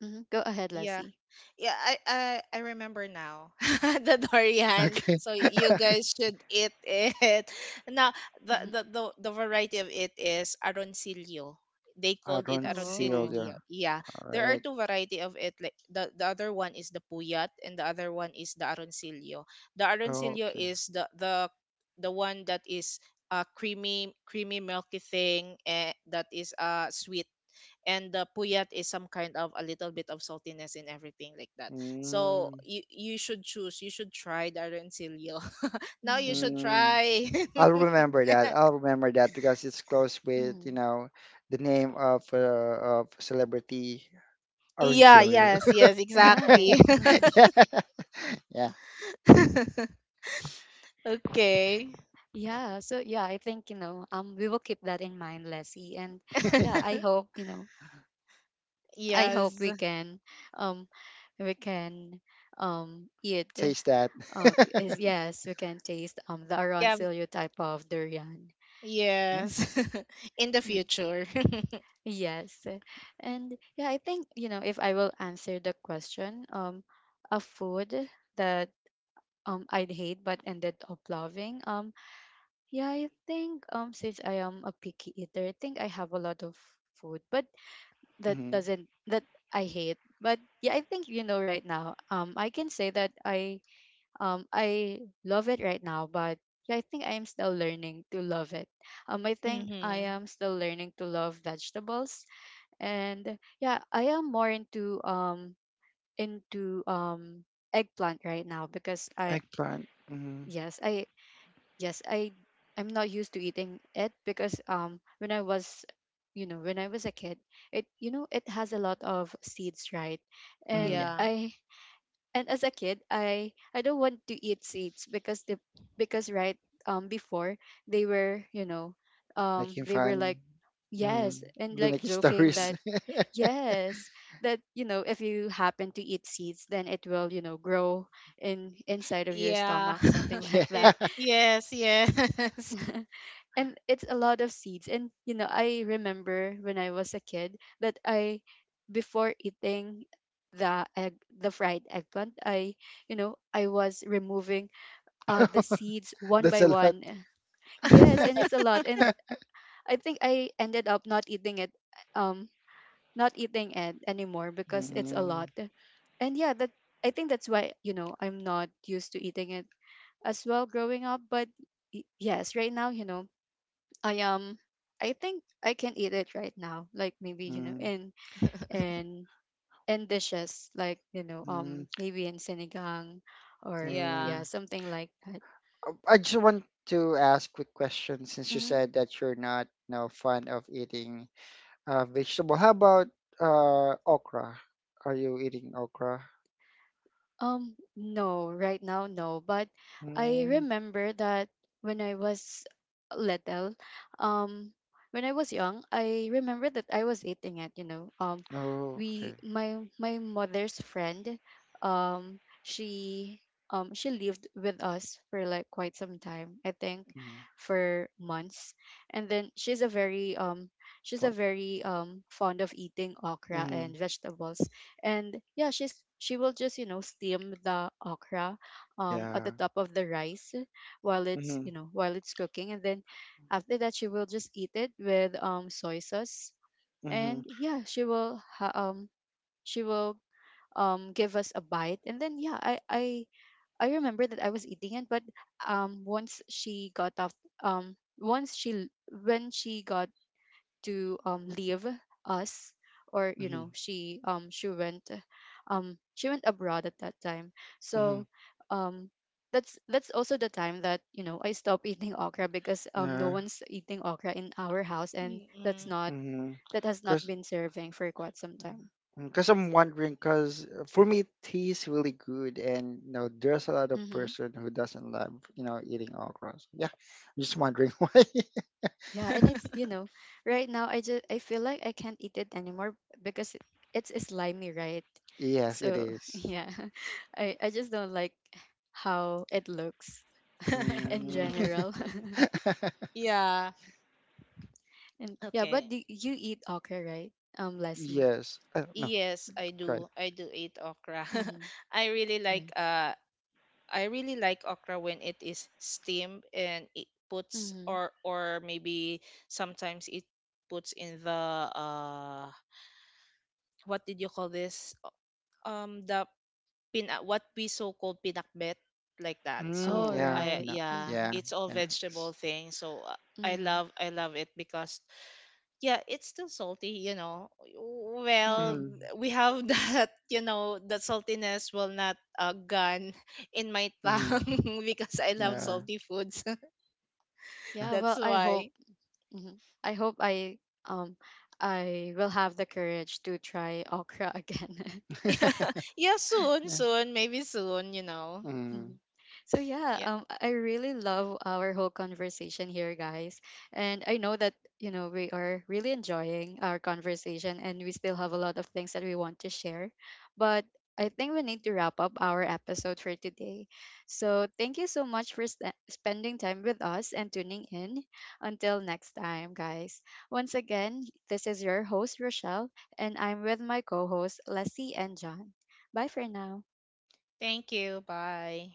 [SPEAKER 1] Mm-hmm. Go ahead,
[SPEAKER 3] Yeah.
[SPEAKER 1] Leslie.
[SPEAKER 3] Yeah, I remember now, the durian.
[SPEAKER 2] Okay.
[SPEAKER 3] So you guys should eat it. Now the the the, the variety of it is aroncillo. They called it
[SPEAKER 1] Oh.
[SPEAKER 3] aroncillo.
[SPEAKER 2] Aroncillo.
[SPEAKER 3] Yeah,
[SPEAKER 2] All
[SPEAKER 3] there are
[SPEAKER 2] right.
[SPEAKER 3] two variety of it. Like the other one is the puyat, and the other one is the aroncillo. The aroncillo
[SPEAKER 2] Okay.
[SPEAKER 3] is the one that is a creamy creamy milky thing, eh, that is sweet, and the puyat is some kind of a little bit of saltiness in everything like that. So
[SPEAKER 2] Mm-hmm.
[SPEAKER 3] you should try the arencillo. Now you
[SPEAKER 1] Mm-hmm.
[SPEAKER 3] should try.
[SPEAKER 2] I'll remember that. I'll remember that, because it's close with,
[SPEAKER 1] Mm-hmm.
[SPEAKER 2] the name of celebrity.
[SPEAKER 3] Yeah,
[SPEAKER 2] Aroncillo.
[SPEAKER 3] yes, yes, exactly.
[SPEAKER 1] Right. Mm-hmm.
[SPEAKER 2] Yeah. Yeah.
[SPEAKER 3] Okay.
[SPEAKER 1] Yeah. So yeah, I think, you know, we will keep that in mind, Leslie, and yeah, I hope you know I hope
[SPEAKER 3] Yes,
[SPEAKER 1] we can um we can eat
[SPEAKER 2] Taste that.
[SPEAKER 1] uh, is yes we can taste the
[SPEAKER 3] yeah,
[SPEAKER 1] Arancelio type of durian.
[SPEAKER 3] yes. In the
[SPEAKER 1] Mm.
[SPEAKER 3] future.
[SPEAKER 1] Yes. And yeah, I think, you know, if I will answer the question, a food that I'd hate but ended up loving, yeah I think, since I am a picky eater, I think I have a lot of food, but that
[SPEAKER 2] Mm-hmm.
[SPEAKER 1] doesn't that I hate. But yeah, I think, you know, right now, I can say that I, I love it right now. But yeah, I think I am still learning to love it. I think I
[SPEAKER 3] Mm-hmm.
[SPEAKER 1] am still learning to love vegetables. And yeah, I am more into eggplant right now because
[SPEAKER 2] Eggplant. Mm-hmm.
[SPEAKER 1] yes I yes I, I'm not used to eating it because when I was, you know, when I was a kid, it you know, it has a lot of seeds, right? And
[SPEAKER 2] Mm-hmm.
[SPEAKER 3] Yeah,
[SPEAKER 1] I and as a kid, I don't want to eat seeds because the because right before they were, you know,
[SPEAKER 2] Making
[SPEAKER 1] they were
[SPEAKER 2] fun.
[SPEAKER 1] like,
[SPEAKER 2] Mm-hmm.
[SPEAKER 1] yes, and
[SPEAKER 2] The
[SPEAKER 1] like
[SPEAKER 2] Nikki
[SPEAKER 1] joking
[SPEAKER 2] stories.
[SPEAKER 1] that, yes, that you know, if you happen to eat seeds, then it will, you know, grow in inside of your
[SPEAKER 3] yeah.
[SPEAKER 1] stomach, something
[SPEAKER 2] Yeah.
[SPEAKER 1] like that.
[SPEAKER 3] Yes, yes.
[SPEAKER 1] And it's a lot of seeds. And you know, I remember when I was a kid that I before eating the fried eggplant, I you know, I was removing the seeds one
[SPEAKER 2] That's
[SPEAKER 1] by
[SPEAKER 2] a lot.
[SPEAKER 1] one. Yes, and it's a lot. And I think I ended up not eating it, um not eating it anymore because it's a
[SPEAKER 2] Mm,
[SPEAKER 1] lot. And yeah, that, I think that's why, you know, I'm not used to eating it as well growing up. But yes, right now, you know, I um I think I can eat it right now. Like maybe, you know,
[SPEAKER 2] mm,
[SPEAKER 1] in in dishes like, you know,
[SPEAKER 2] mm,
[SPEAKER 1] maybe in sinigang, or
[SPEAKER 3] Yeah.
[SPEAKER 2] mm.
[SPEAKER 1] yeah, something like that.
[SPEAKER 2] I just want to ask quick question, since you
[SPEAKER 1] Mm-hmm.
[SPEAKER 2] said that you're not, fond of eating, vegetable. How about okra? Are you eating okra?
[SPEAKER 1] No, right now, no. But I
[SPEAKER 2] Mm.
[SPEAKER 1] remember that when I was little, um, when I was young, I remember that I was eating it, you know.
[SPEAKER 2] Oh, okay.
[SPEAKER 1] We, my mother's friend, um, she, she lived with us for like quite some time, I think,
[SPEAKER 2] Mm.
[SPEAKER 1] for months. And then she's a
[SPEAKER 2] Fun.
[SPEAKER 1] very, fond of eating okra
[SPEAKER 2] Mm.
[SPEAKER 1] and vegetables. And yeah, she will just, you know, steam the okra at the
[SPEAKER 2] Yeah.
[SPEAKER 1] top of the rice while it's, you
[SPEAKER 2] Mm.
[SPEAKER 1] know, while it's cooking. And then after that, she will just eat it with soy sauce.
[SPEAKER 2] Mm.
[SPEAKER 1] And yeah, she will give us a bite. And then yeah, I remember that I was eating it. But once she got off once she l- when she got to leave us, or you
[SPEAKER 2] Mm.
[SPEAKER 1] know, she went abroad at that time.
[SPEAKER 2] Mm.
[SPEAKER 1] So um that's also the time that, you know, I stopped eating okra because no
[SPEAKER 2] Yeah.
[SPEAKER 1] one's eating okra in our house. And that's
[SPEAKER 3] Mm-mm.
[SPEAKER 1] not,
[SPEAKER 2] Mm.
[SPEAKER 1] that has not
[SPEAKER 2] Cause,
[SPEAKER 1] been serving for quite some time.
[SPEAKER 2] cause I'm wondering. Cause for me, tea is really good, and there's a lot of
[SPEAKER 1] Mm-hmm.
[SPEAKER 2] person who doesn't love, eating okra. So, yeah. I'm just wondering why.
[SPEAKER 1] Yeah, and it's, you know, right now I feel like I can't eat it anymore because it's slimy, right?
[SPEAKER 2] Yes, it
[SPEAKER 1] So
[SPEAKER 2] is.
[SPEAKER 1] yeah, I just don't like how it looks in
[SPEAKER 2] Mm.
[SPEAKER 1] general.
[SPEAKER 3] Yeah.
[SPEAKER 1] And yeah, but
[SPEAKER 3] Okay.
[SPEAKER 1] do you eat okra, right? Lassie.
[SPEAKER 2] Yes. No.
[SPEAKER 3] Yes, I
[SPEAKER 2] Right.
[SPEAKER 3] do. I do eat okra.
[SPEAKER 1] Mm-hmm.
[SPEAKER 3] I really like
[SPEAKER 1] Yeah.
[SPEAKER 3] uh I really like okra when it is steamed, and it puts,
[SPEAKER 1] Mm-hmm.
[SPEAKER 3] or maybe sometimes it puts in the, uh what did you call this? O- the pin What we so called pinakbet, like that.
[SPEAKER 2] Mm,
[SPEAKER 1] All
[SPEAKER 3] So
[SPEAKER 2] yeah,
[SPEAKER 3] I
[SPEAKER 1] right.
[SPEAKER 2] Pinap
[SPEAKER 3] yeah,
[SPEAKER 1] Mm-hmm.
[SPEAKER 2] yeah,
[SPEAKER 3] it's all
[SPEAKER 2] yeah.
[SPEAKER 3] vegetable thing. So, I
[SPEAKER 1] Mm-hmm.
[SPEAKER 3] love I love it, because yeah, it's still salty, you know. Well,
[SPEAKER 1] Mm-hmm.
[SPEAKER 2] Mm,
[SPEAKER 3] we have that you know, that saltiness will not, gone in my
[SPEAKER 2] mm,
[SPEAKER 3] tongue, because I love
[SPEAKER 2] yeah,
[SPEAKER 1] Mm-hmm.
[SPEAKER 3] salty foods.
[SPEAKER 2] yeah.
[SPEAKER 1] Yeah.
[SPEAKER 3] That's
[SPEAKER 1] Well, I
[SPEAKER 3] why.
[SPEAKER 1] hope. Mm-hmm. I hope um I will have the courage to try okra again.
[SPEAKER 3] Yeah, soon
[SPEAKER 2] Yeah.
[SPEAKER 3] soon maybe soon,
[SPEAKER 2] Mm.
[SPEAKER 1] Mhm. So yeah,
[SPEAKER 3] yeah,
[SPEAKER 1] I really love our whole conversation here, guys. And I know that you know we are really enjoying our conversation, and we still have a lot of things that we want to share. But I think we need to wrap up our episode for today. So thank you so much for spending time with us and tuning in. Until next time, guys. Once again, this is your host Rochelle, and I'm with my co-hosts Leslie and John. Bye for now.
[SPEAKER 3] thank you, bye.